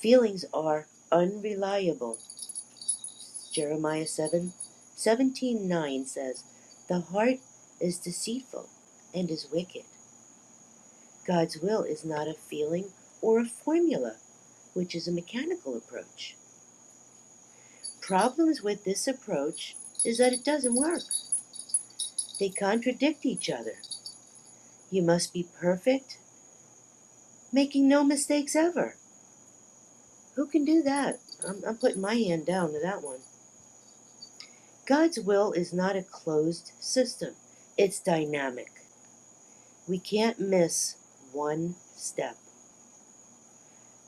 Speaker 1: feelings are unreliable. Jeremiah 7, 17 9 says, The heart is deceitful and is wicked. God's will is not a feeling or a formula, which is a mechanical approach. Problems with this approach is that it doesn't work. They contradict each other. You must be perfect, making no mistakes ever. Who can do that? I'm, I'm putting my hand down to that one. God's will is not a closed system, it's dynamic. We can't miss one step.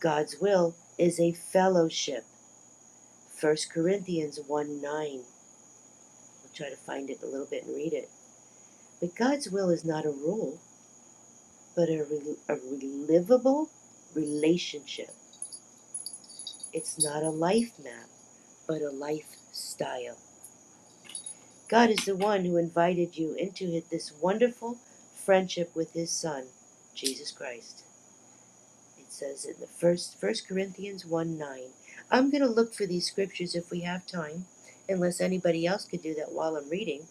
Speaker 1: God's will is a fellowship. First Corinthians 1 9. I'll try to find it a little bit and read it. But God's will is not a rule, but a, rel a relivable relationship. It's not a life map, but a lifestyle. God is the one who invited you into this wonderful friendship with His Son, Jesus Christ. It says in the first First Corinthians one nine. I'm going to look for these scriptures if we have time, unless anybody else could do that while I'm reading.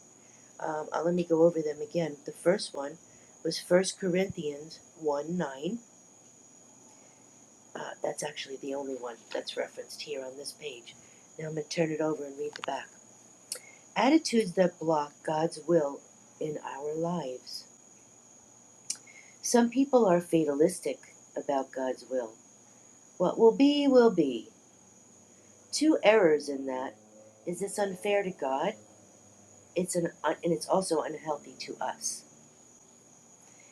Speaker 1: Um, I'll let me go over them again. The first one was First Corinthians one nine. Uh, that's actually the only one that's referenced here on this page. Now I'm going to turn it over and read the back. Attitudes that block God's will in our lives. Some people are fatalistic about God's will. What will be, will be. Two errors in that is it's unfair to God, it's an, un and it's also unhealthy to us.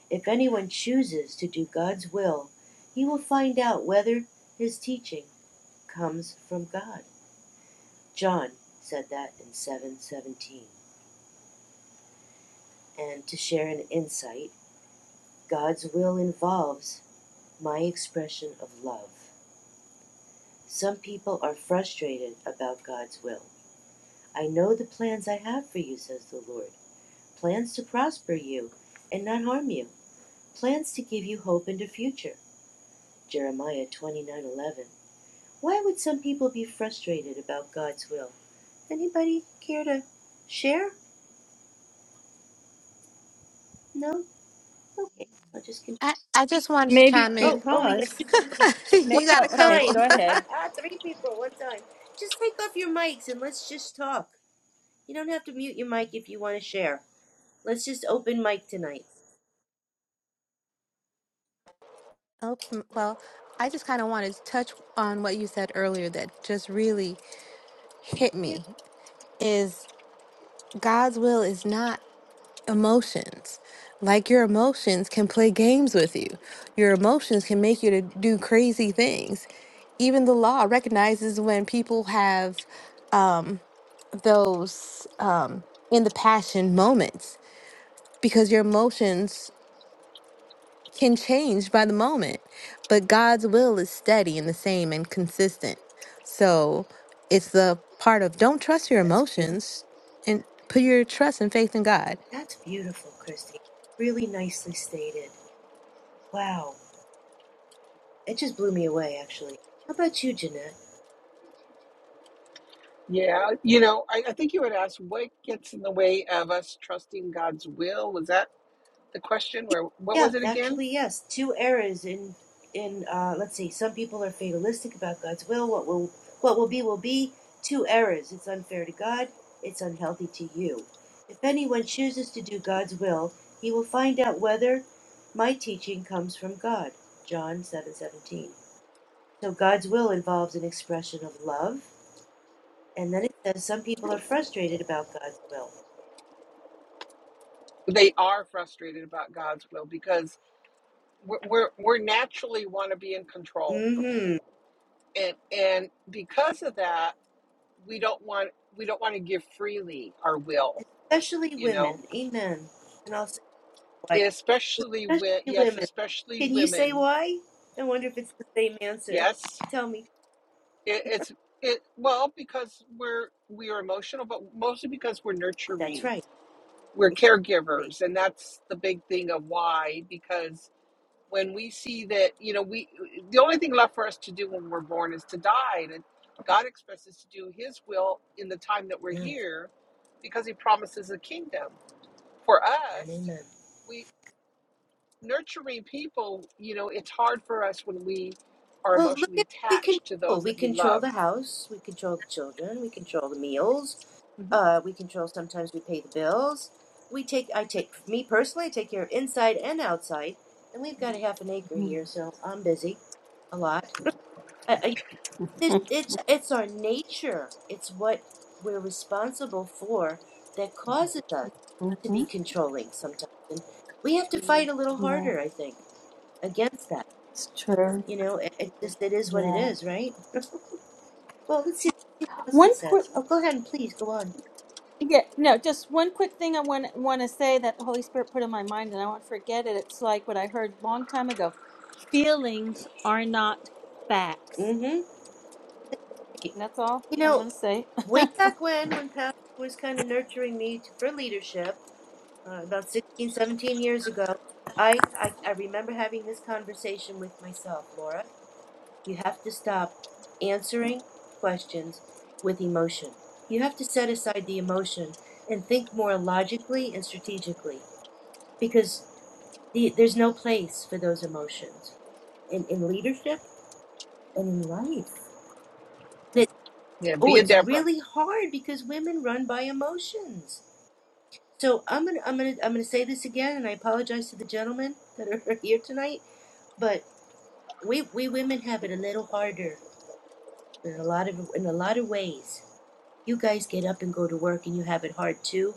Speaker 1: If anyone chooses to do God's will, he will find out whether his teaching comes from God. John said that in 717. and to share an insight, God's will involves my expression of love. Some people are frustrated about God's will. I know the plans I have for you, says the Lord plans to prosper you and not harm you, plans to give you hope and a future. Jeremiah 29:11. Why would some people be frustrated about God's will? Anybody care to share? No? Okay, I'll just continue.
Speaker 5: I, I just wanted to
Speaker 3: Maybe
Speaker 5: chime
Speaker 1: Oh,
Speaker 5: in.
Speaker 1: oh, we got
Speaker 3: because.
Speaker 1: two people.
Speaker 5: <laughs>
Speaker 3: ma-
Speaker 1: One
Speaker 5: you
Speaker 1: at
Speaker 5: got
Speaker 3: Oh,
Speaker 5: a
Speaker 1: a
Speaker 3: okay.
Speaker 5: couple.
Speaker 3: Go
Speaker 1: time. <laughs>
Speaker 3: ahead.
Speaker 1: Three people, one time. Just take off your mics and let's just talk. You don't have to mute your mic if you want to share. Let's just open mic tonight.
Speaker 5: Oh, m- well, I just kind of wanted to touch on what you said earlier that just really hit
Speaker 1: Yeah,
Speaker 5: me is God's will is not emotions. Like your emotions can play games with you. Your emotions can make you to do crazy things. Even the law recognizes when people have um those um in the passion moments because your emotions can change by the moment. But God's will is steady and the same and consistent. So it's the part of don't trust your
Speaker 1: that's beautiful.
Speaker 5: emotions and put your trust and faith in God
Speaker 1: That's beautiful, Christy. Really nicely stated. Wow. It just blew me away, actually. How about you, Jeanette?
Speaker 6: Yeah, you know, I, I think you had asked what gets in the way of us trusting God's will. Was that the question?
Speaker 1: Yeah,
Speaker 6: Where what
Speaker 1: yeah,
Speaker 6: was it again?
Speaker 1: actually, yes. Two errors in in uh, let's see. Some people are fatalistic about God's will. What will what will be will be. Two errors. It's unfair to God. It's unhealthy to you. If anyone chooses to do God's will, he will find out whether my teaching comes from God. John seven seventeen. So God's will involves an expression of love, and then it says some people are frustrated about God's will.
Speaker 6: They are frustrated about God's will because we're we're, we're naturally want to be in control,
Speaker 1: Mm-hmm.
Speaker 6: and and because of that, we don't want we don't want to give freely our will.
Speaker 1: Especially
Speaker 6: You know,
Speaker 1: women. Amen. And I'll say why
Speaker 6: especially with
Speaker 1: especially
Speaker 6: yes
Speaker 1: women.
Speaker 6: especially
Speaker 1: Can you say
Speaker 6: women
Speaker 1: why? I wonder if it's the same answer.
Speaker 6: yes
Speaker 1: Tell me.
Speaker 6: it, it's it well because we're we are emotional but mostly because we're
Speaker 1: That's
Speaker 6: nurturing
Speaker 1: right.
Speaker 6: we're
Speaker 1: Exactly.
Speaker 6: caregivers and that's the big thing of why because when we see that you know we the only thing left for us to do when we're born is to die and god expects us to do his will in the time that we're
Speaker 1: Amen.
Speaker 6: here because he promises a kingdom for
Speaker 1: Amen.
Speaker 6: us
Speaker 1: Amen.
Speaker 6: We. nurturing people, you know, it's hard for us when we are
Speaker 1: Well, look
Speaker 6: emotionally
Speaker 1: at what we
Speaker 6: attached to
Speaker 1: control.
Speaker 6: those
Speaker 1: We
Speaker 6: that we
Speaker 1: control
Speaker 6: love.
Speaker 1: the house. We control the children. We control the meals.
Speaker 6: hmm
Speaker 1: Uh, we control. Sometimes we pay the bills. We take. I take. Me personally, I take care of inside and outside. And we've got a half an acre here, so I'm busy a lot. <laughs> I, This it's it's our nature. It's what we're responsible for that causes us to
Speaker 3: Mm-hmm.
Speaker 1: be controlling sometimes, and we have to fight a little
Speaker 3: Yeah,
Speaker 1: harder, I think, against that.
Speaker 3: it's true.
Speaker 1: You know, it, it just it is what it
Speaker 3: Yeah.
Speaker 1: is, right? <laughs> Well, let's see what else
Speaker 3: One.
Speaker 1: it
Speaker 3: que-
Speaker 1: says. Oh, go ahead and please go on.
Speaker 3: Yeah, no, just one quick thing I want want to say that the Holy Spirit put in my mind, and I won't forget it. It's like what I heard a long time ago: feelings are not facts.
Speaker 1: Mm-hmm.
Speaker 3: And
Speaker 1: You
Speaker 3: that's all I
Speaker 1: know,
Speaker 3: want to say.
Speaker 1: way back when, when Pastor was kind of nurturing me to, for leadership, uh, about 16, 17 years ago, I, I I remember having this conversation with myself, Laura. You have to stop answering questions with emotion. You have to set aside the emotion and think more logically and strategically because the, there's no place for those emotions in, in leadership and in life. That
Speaker 6: Yeah,
Speaker 1: oh,
Speaker 6: be a
Speaker 1: it's
Speaker 6: Deborah.
Speaker 1: really hard because women run by emotions. So I'm gonna I'm gonna I'm gonna say this again, and I apologize to the gentlemen that are <laughs> here tonight, but we we women have it a little harder in a lot of in a lot of ways you guys get up and go to work and you have it hard too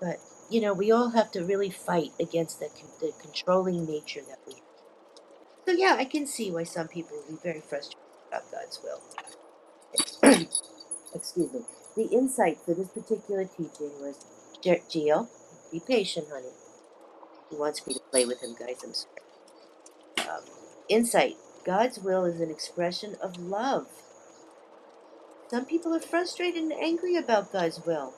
Speaker 1: but you know we all have to really fight against the, con- the controlling nature that we have so yeah i can see why some people would be very frustrated about god's will <clears throat> excuse me the insight for this particular teaching was "Ge- geo be patient honey he wants me to play with him guys i'm sorry insight god's will is an expression of love some people are frustrated and angry about god's will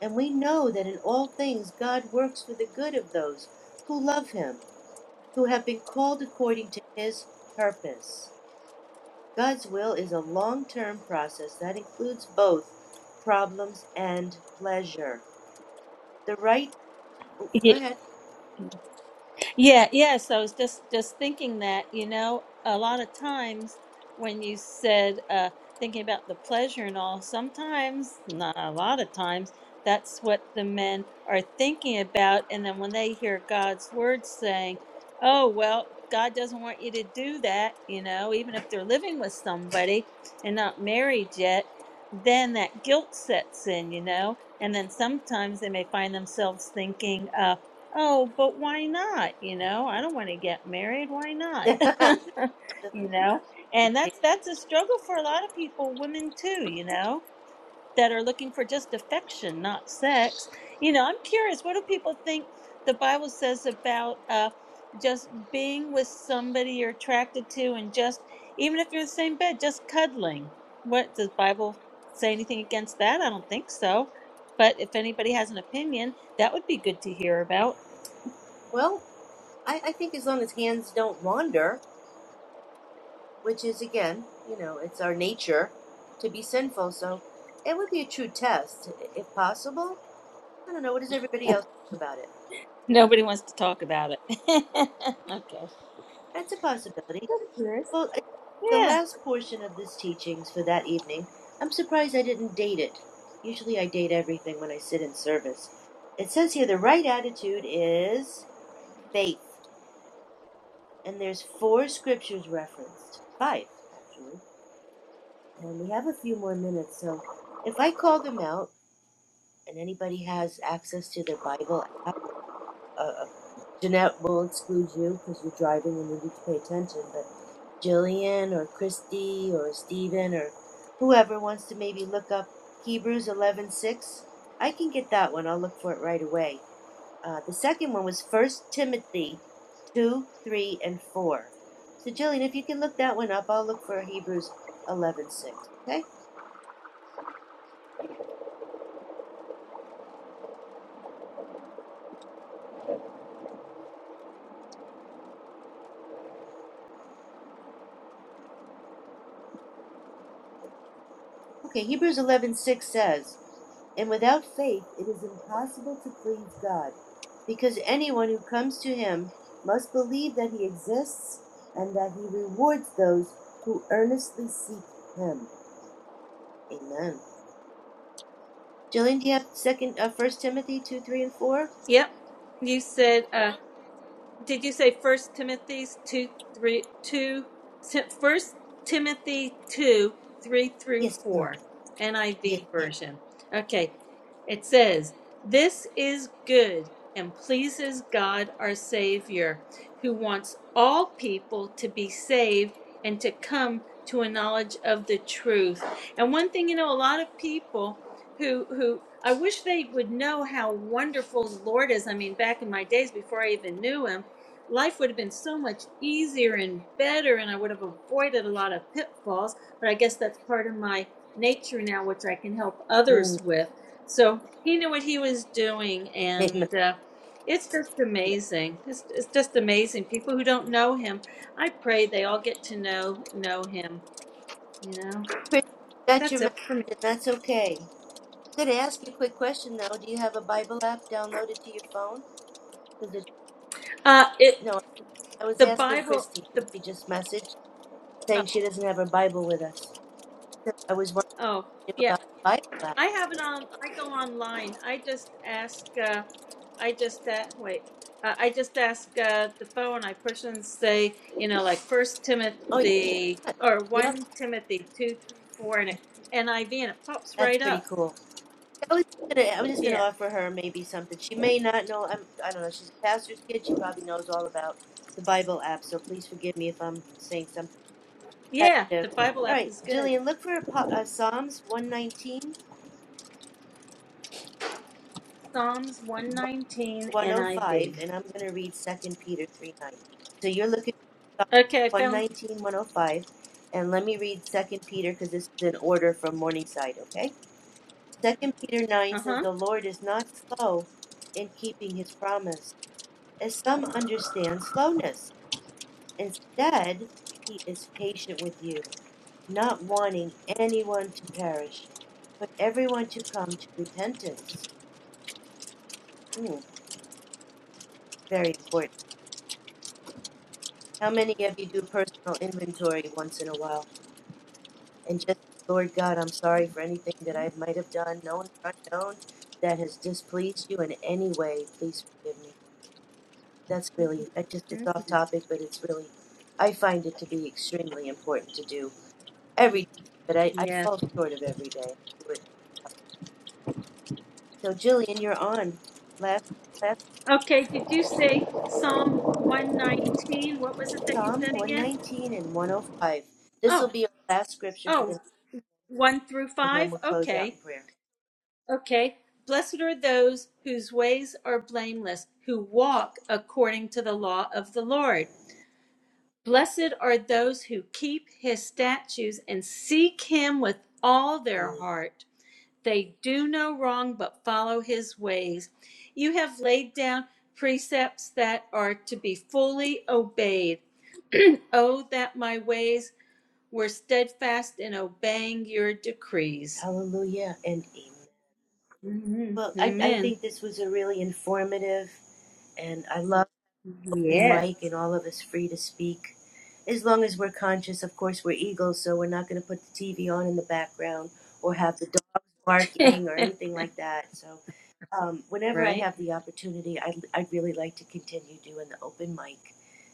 Speaker 1: And we know that in all things God works for the good of those who love Him, who have been called according to His purpose. God's will is a long term process that includes both problems and pleasure. The right. Oh,
Speaker 3: <laughs>
Speaker 1: go ahead.
Speaker 3: Yeah, yes. I was just just thinking that, you know, a lot of times when you said uh thinking about the pleasure and all, sometimes, not a lot of times, that's what the men are thinking about and then when they hear God's word saying, "Oh, well, God doesn't want you to do that," you know, even if they're living with somebody and not married yet, then that guilt sets in, you know. And then sometimes they may find themselves thinking, uh, Oh, but why not? You know, I don't want to get married. Why not?
Speaker 1: <laughs>
Speaker 3: <laughs> you know, and that's that's a struggle for a lot of people, women too. You know, that are looking for just affection, not sex. You know, I'm curious. What do people think the Bible says about uh, just being with somebody you're attracted to, and just even if you're in the same bed, just cuddling? What does Bible say anything against that? I don't think so. But if anybody has an opinion, that would be good to hear about.
Speaker 1: well, I, I think as long as hands don't wander, which is, again, you know, it's our nature to be sinful, so it would be a true test, if possible. I don't know. What does everybody else think about it?
Speaker 3: Nobody wants to talk about it. <laughs> okay.
Speaker 1: That's a possibility. Well, I- the
Speaker 3: Yeah.
Speaker 1: last portion of this teachings for that evening, I'm surprised I didn't date it. Usually I date everything when I sit in service. It says here the right attitude is faith. And there's four scriptures referenced. Five, actually. And we have a few more minutes, so if I call them out and anybody has access to their Bible app or uh, Jeanette will exclude you because you're driving and you need to pay attention. But Jillian or Christy or Stephen or whoever wants to maybe look up Hebrews eleven six, I can get that one. I'll look for it right away. Uh, the second one was First Timothy 2, 3, and 4. So, Jillian, if you can look that one up, I'll look for Hebrews eleven six. Okay? Okay, Hebrews eleven six says, And without faith it is impossible to please God, because anyone who comes to him must believe that he exists and that he rewards those who earnestly seek him. Amen. Jillian, do you have second uh, first Timothy two, three, and four?
Speaker 3: Yep. You said. Uh, Did you say First Timothy two three two? First Timothy two three through
Speaker 1: Yes, ma'am.
Speaker 3: four,
Speaker 1: Yes,
Speaker 3: NIV
Speaker 1: ma'am.
Speaker 3: version. Okay, it says, "This is good and pleases God our Savior, who wants all people to be saved and to come to a knowledge of the truth." And one thing you know, a lot of people who who I wish they would know how wonderful the Lord is. I mean, back in my days before I even knew him life would have been so much easier and better and I would have avoided a lot of pitfalls. But I guess that's part of my nature now, which I can help
Speaker 1: Mm,
Speaker 3: others with. So he knew what he was doing.
Speaker 1: <laughs> amen.
Speaker 3: And uh, it's just amazing. It's, it's just amazing. People who don't know him, I pray they all get to know know him. You know,
Speaker 1: Chris, got your
Speaker 3: that's
Speaker 1: message
Speaker 3: it for me.
Speaker 1: and that's okay. I'm gonna ask you a quick question though. Do you have a Bible app downloaded to your phone? 'Cause it's-
Speaker 3: Uh, it
Speaker 1: no, I was
Speaker 3: the
Speaker 1: asking
Speaker 3: Bible.
Speaker 1: Christy because
Speaker 3: The
Speaker 1: she just messaged.
Speaker 3: oh,
Speaker 1: saying she doesn't have her Bible with us. So I was wondering
Speaker 3: oh yeah.
Speaker 1: about the Bible app.
Speaker 3: I have it on. I go online. I just ask. Uh, I just uh, wait. Uh, I just ask uh, the phone. I push and say, you know, like First
Speaker 1: Oh
Speaker 3: Timothy
Speaker 1: yeah,
Speaker 3: or
Speaker 1: yep,
Speaker 3: One Timothy two, three, four, and it, NIV, and it pops
Speaker 1: that's
Speaker 3: right
Speaker 1: pretty
Speaker 3: up.
Speaker 1: cool. I was just gonna, I was just gonna
Speaker 3: Yeah,
Speaker 1: offer her maybe something. She may not know. I'm, I don't know. She's a pastor's kid. She probably knows all about the Bible app. So please forgive me if I'm saying something
Speaker 3: yeah.
Speaker 1: repetitive.
Speaker 3: The Bible
Speaker 1: All
Speaker 3: app
Speaker 1: right,
Speaker 3: is good.
Speaker 1: Jillian, look for uh, Psalms 119.
Speaker 3: Psalms one nineteen NIV.
Speaker 1: 105, and I'm going to read Second Peter 3 9. So you're looking at
Speaker 3: Okay, I
Speaker 1: Psalm
Speaker 3: found.
Speaker 1: and let me read Second Peter because this is in order from Morningside, okay? Second Peter 9
Speaker 3: Uh
Speaker 1: says,
Speaker 3: huh.
Speaker 1: The Lord is not slow in keeping his promise, as some understand slowness. Instead, he is patient with you, not wanting anyone to perish, but everyone to come to repentance. Hmm, very important. How many of you do personal inventory once in a while? And just, Lord God, I'm sorry for anything that I might have done, known or unknown, that has displeased you in any way. Please forgive me. That's really, that just, it's off topic, but it's really, I find it to be extremely important to do every day, but I, I
Speaker 3: Yeah.
Speaker 1: fall short of every day. I do it. So, Jillian, you're on. Last, last
Speaker 3: Okay. Did you say Psalm one nineteen? What was it that you
Speaker 1: Psalm
Speaker 3: said again?
Speaker 1: 119 and 105. This
Speaker 3: Oh,
Speaker 1: will be our last scripture for the,
Speaker 3: oh,
Speaker 1: night,
Speaker 3: One through
Speaker 1: and then
Speaker 3: five?
Speaker 1: we'll close out
Speaker 3: Okay.
Speaker 1: in prayer.
Speaker 3: Okay. Blessed are those whose ways are blameless, who walk according to the law of the Lord. Blessed are those who keep his statutes and seek him with all their
Speaker 1: Mm.
Speaker 3: heart. They do no wrong but follow his ways. You have laid down precepts that are to be fully obeyed. Oh, that my ways were steadfast in obeying your decrees.
Speaker 1: Hallelujah and amen.
Speaker 3: Mhm.
Speaker 1: Well, I, I
Speaker 3: Amen.
Speaker 1: think this was a really informative, and I love open
Speaker 3: Yes.
Speaker 1: mic and all of us free to speak. As long as we're conscious, of course, we're eagles, so we're not going to put the TV on in the background or have the dogs barking or
Speaker 3: <laughs>
Speaker 1: anything like that. So, um, whenever I
Speaker 3: right?
Speaker 1: have the opportunity, I'd, I'd really like to continue doing the open mic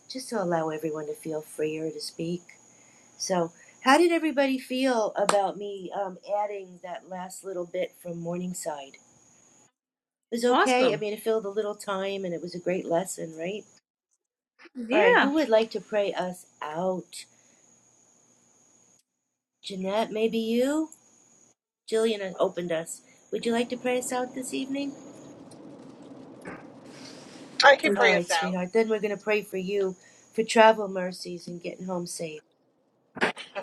Speaker 1: just to allow everyone to feel freer to speak. So, how did everybody feel about me um, adding that last little bit from Morningside? It was okay. I
Speaker 3: Awesome.
Speaker 1: mean, it filled a little time and it was a great lesson, right? All right,
Speaker 3: Yeah.
Speaker 1: who would like to pray us out? Jeanette, maybe you? Jillian opened us. Would you like to pray us out this evening?
Speaker 6: I can
Speaker 1: All
Speaker 6: pray us
Speaker 1: right,
Speaker 6: out.
Speaker 1: sweetheart. Then we're going to pray for you for travel mercies and getting home safe.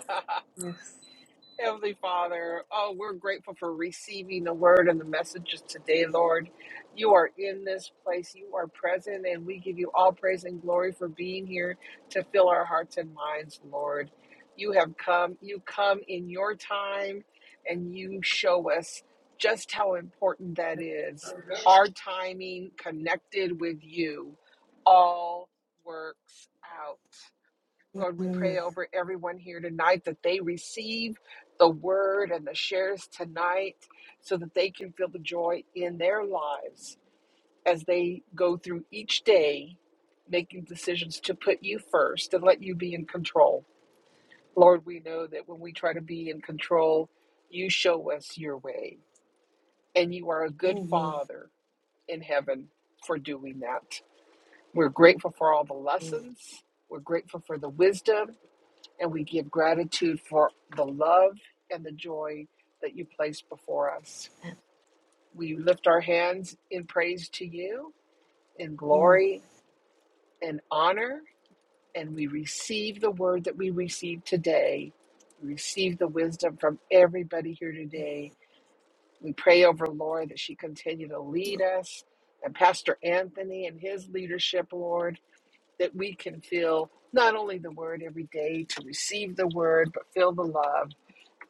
Speaker 6: <laughs>
Speaker 3: Yes.
Speaker 6: Heavenly Father, oh, we're grateful for receiving the word and the messages today, Lord. You are in this place, you are present, and we give you all praise and glory for being here to fill our hearts and minds, Lord. You have come, you come in your time, and you show us just how important that is. Our timing connected with you all works out. Lord, we pray
Speaker 1: Mm,
Speaker 6: over everyone here tonight that they receive the word and the shares tonight so that they can feel the joy in their lives as they go through each day making decisions to put you first and let you be in control. Lord, we know that when we try to be in control, you show us your way, and you are a good
Speaker 1: mhm,
Speaker 6: father in heaven for doing that. We're grateful for all the
Speaker 1: mm,
Speaker 6: lessons. We're grateful for the wisdom and we give gratitude for the love and the joy that you place before us. We lift our hands in praise to you, in
Speaker 1: mm,
Speaker 6: glory and honor, and we receive the word that we receive today. We receive the wisdom from everybody here today. We pray over Lord that she continue to lead us and Pastor Anthony and his leadership, Lord, that we can feel not only the word every day to receive the word, but feel the love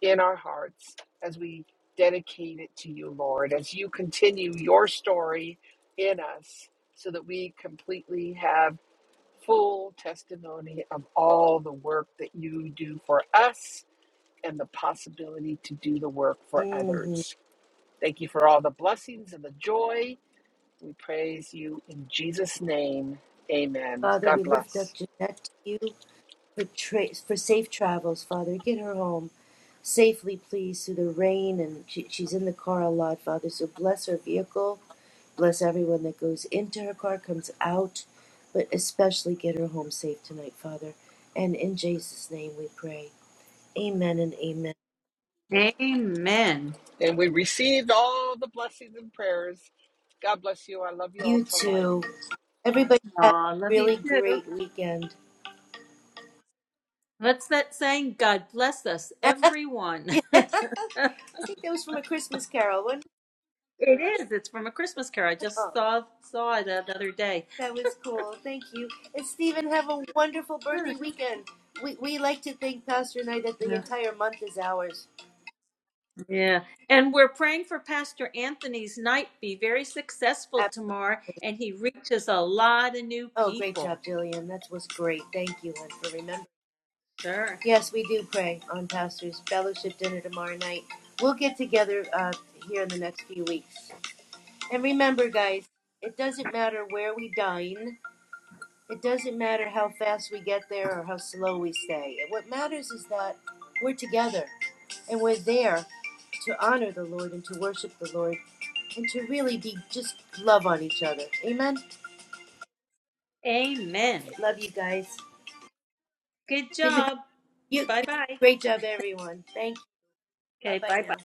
Speaker 6: in our hearts as we dedicate it to you, Lord, as you continue your story in us so that we completely have full testimony of all the work that you do for us and the possibility to do the work for
Speaker 1: mhm.
Speaker 6: others. Thank you for all the blessings and the joy. We praise you in Jesus' name. Amen.
Speaker 1: Father,
Speaker 6: God
Speaker 1: we lift up
Speaker 6: bless.
Speaker 1: Jeanette to you. for, tra- for safe travels, Father. Get her home safely, please, through the rain. And she, she's in the car a lot, Father. So bless her vehicle. Bless everyone that goes into her car, comes out, but especially get her home safe tonight, Father. And in Jesus' name we pray. Amen and amen.
Speaker 3: Amen.
Speaker 6: And we received all the blessings and prayers. God bless you. I love you all
Speaker 1: You
Speaker 6: to life.
Speaker 1: too. Everybody have
Speaker 3: Aw,
Speaker 1: a
Speaker 3: love you
Speaker 1: really
Speaker 3: too.
Speaker 1: great weekend. <laughs>
Speaker 3: What's that saying? God bless us, everyone. <laughs>
Speaker 1: Yeah. I think that was from a Christmas carol, wasn't
Speaker 3: It is. It's from a Christmas carol. I
Speaker 1: it?
Speaker 3: just
Speaker 1: Oh.
Speaker 3: saw saw it the other day.
Speaker 1: That was cool. Thank you. And Stephen, have a wonderful
Speaker 3: Sure.
Speaker 1: birthday weekend. We, we like to think, Pastor and I, that the
Speaker 3: Yes.
Speaker 1: entire month is ours.
Speaker 3: Yeah. And we're praying for Pastor Anthony's night be very successful
Speaker 1: Absolutely.
Speaker 3: tomorrow and he reaches a lot of new
Speaker 1: Oh, great
Speaker 3: people.
Speaker 1: job, Jillian. That was great. Thank you, hun, for remembering.
Speaker 3: Sure.
Speaker 1: Yes, we do pray on Pastor's fellowship dinner tomorrow night. We'll get together uh, here in the next few weeks. And remember, guys, it doesn't matter where we dine. It doesn't matter how fast we get there or how slow we stay. What matters is that we're together and we're there to honor the Lord and to worship the Lord and to really be just love on each other. Amen.
Speaker 3: Amen.
Speaker 1: Love you guys.
Speaker 3: Good
Speaker 1: Good night.
Speaker 3: job.
Speaker 1: You
Speaker 3: Bye
Speaker 1: good.
Speaker 3: bye.
Speaker 1: Great job, everyone. Thank you.
Speaker 3: Okay,
Speaker 1: Bye bye
Speaker 3: bye bye.
Speaker 1: now.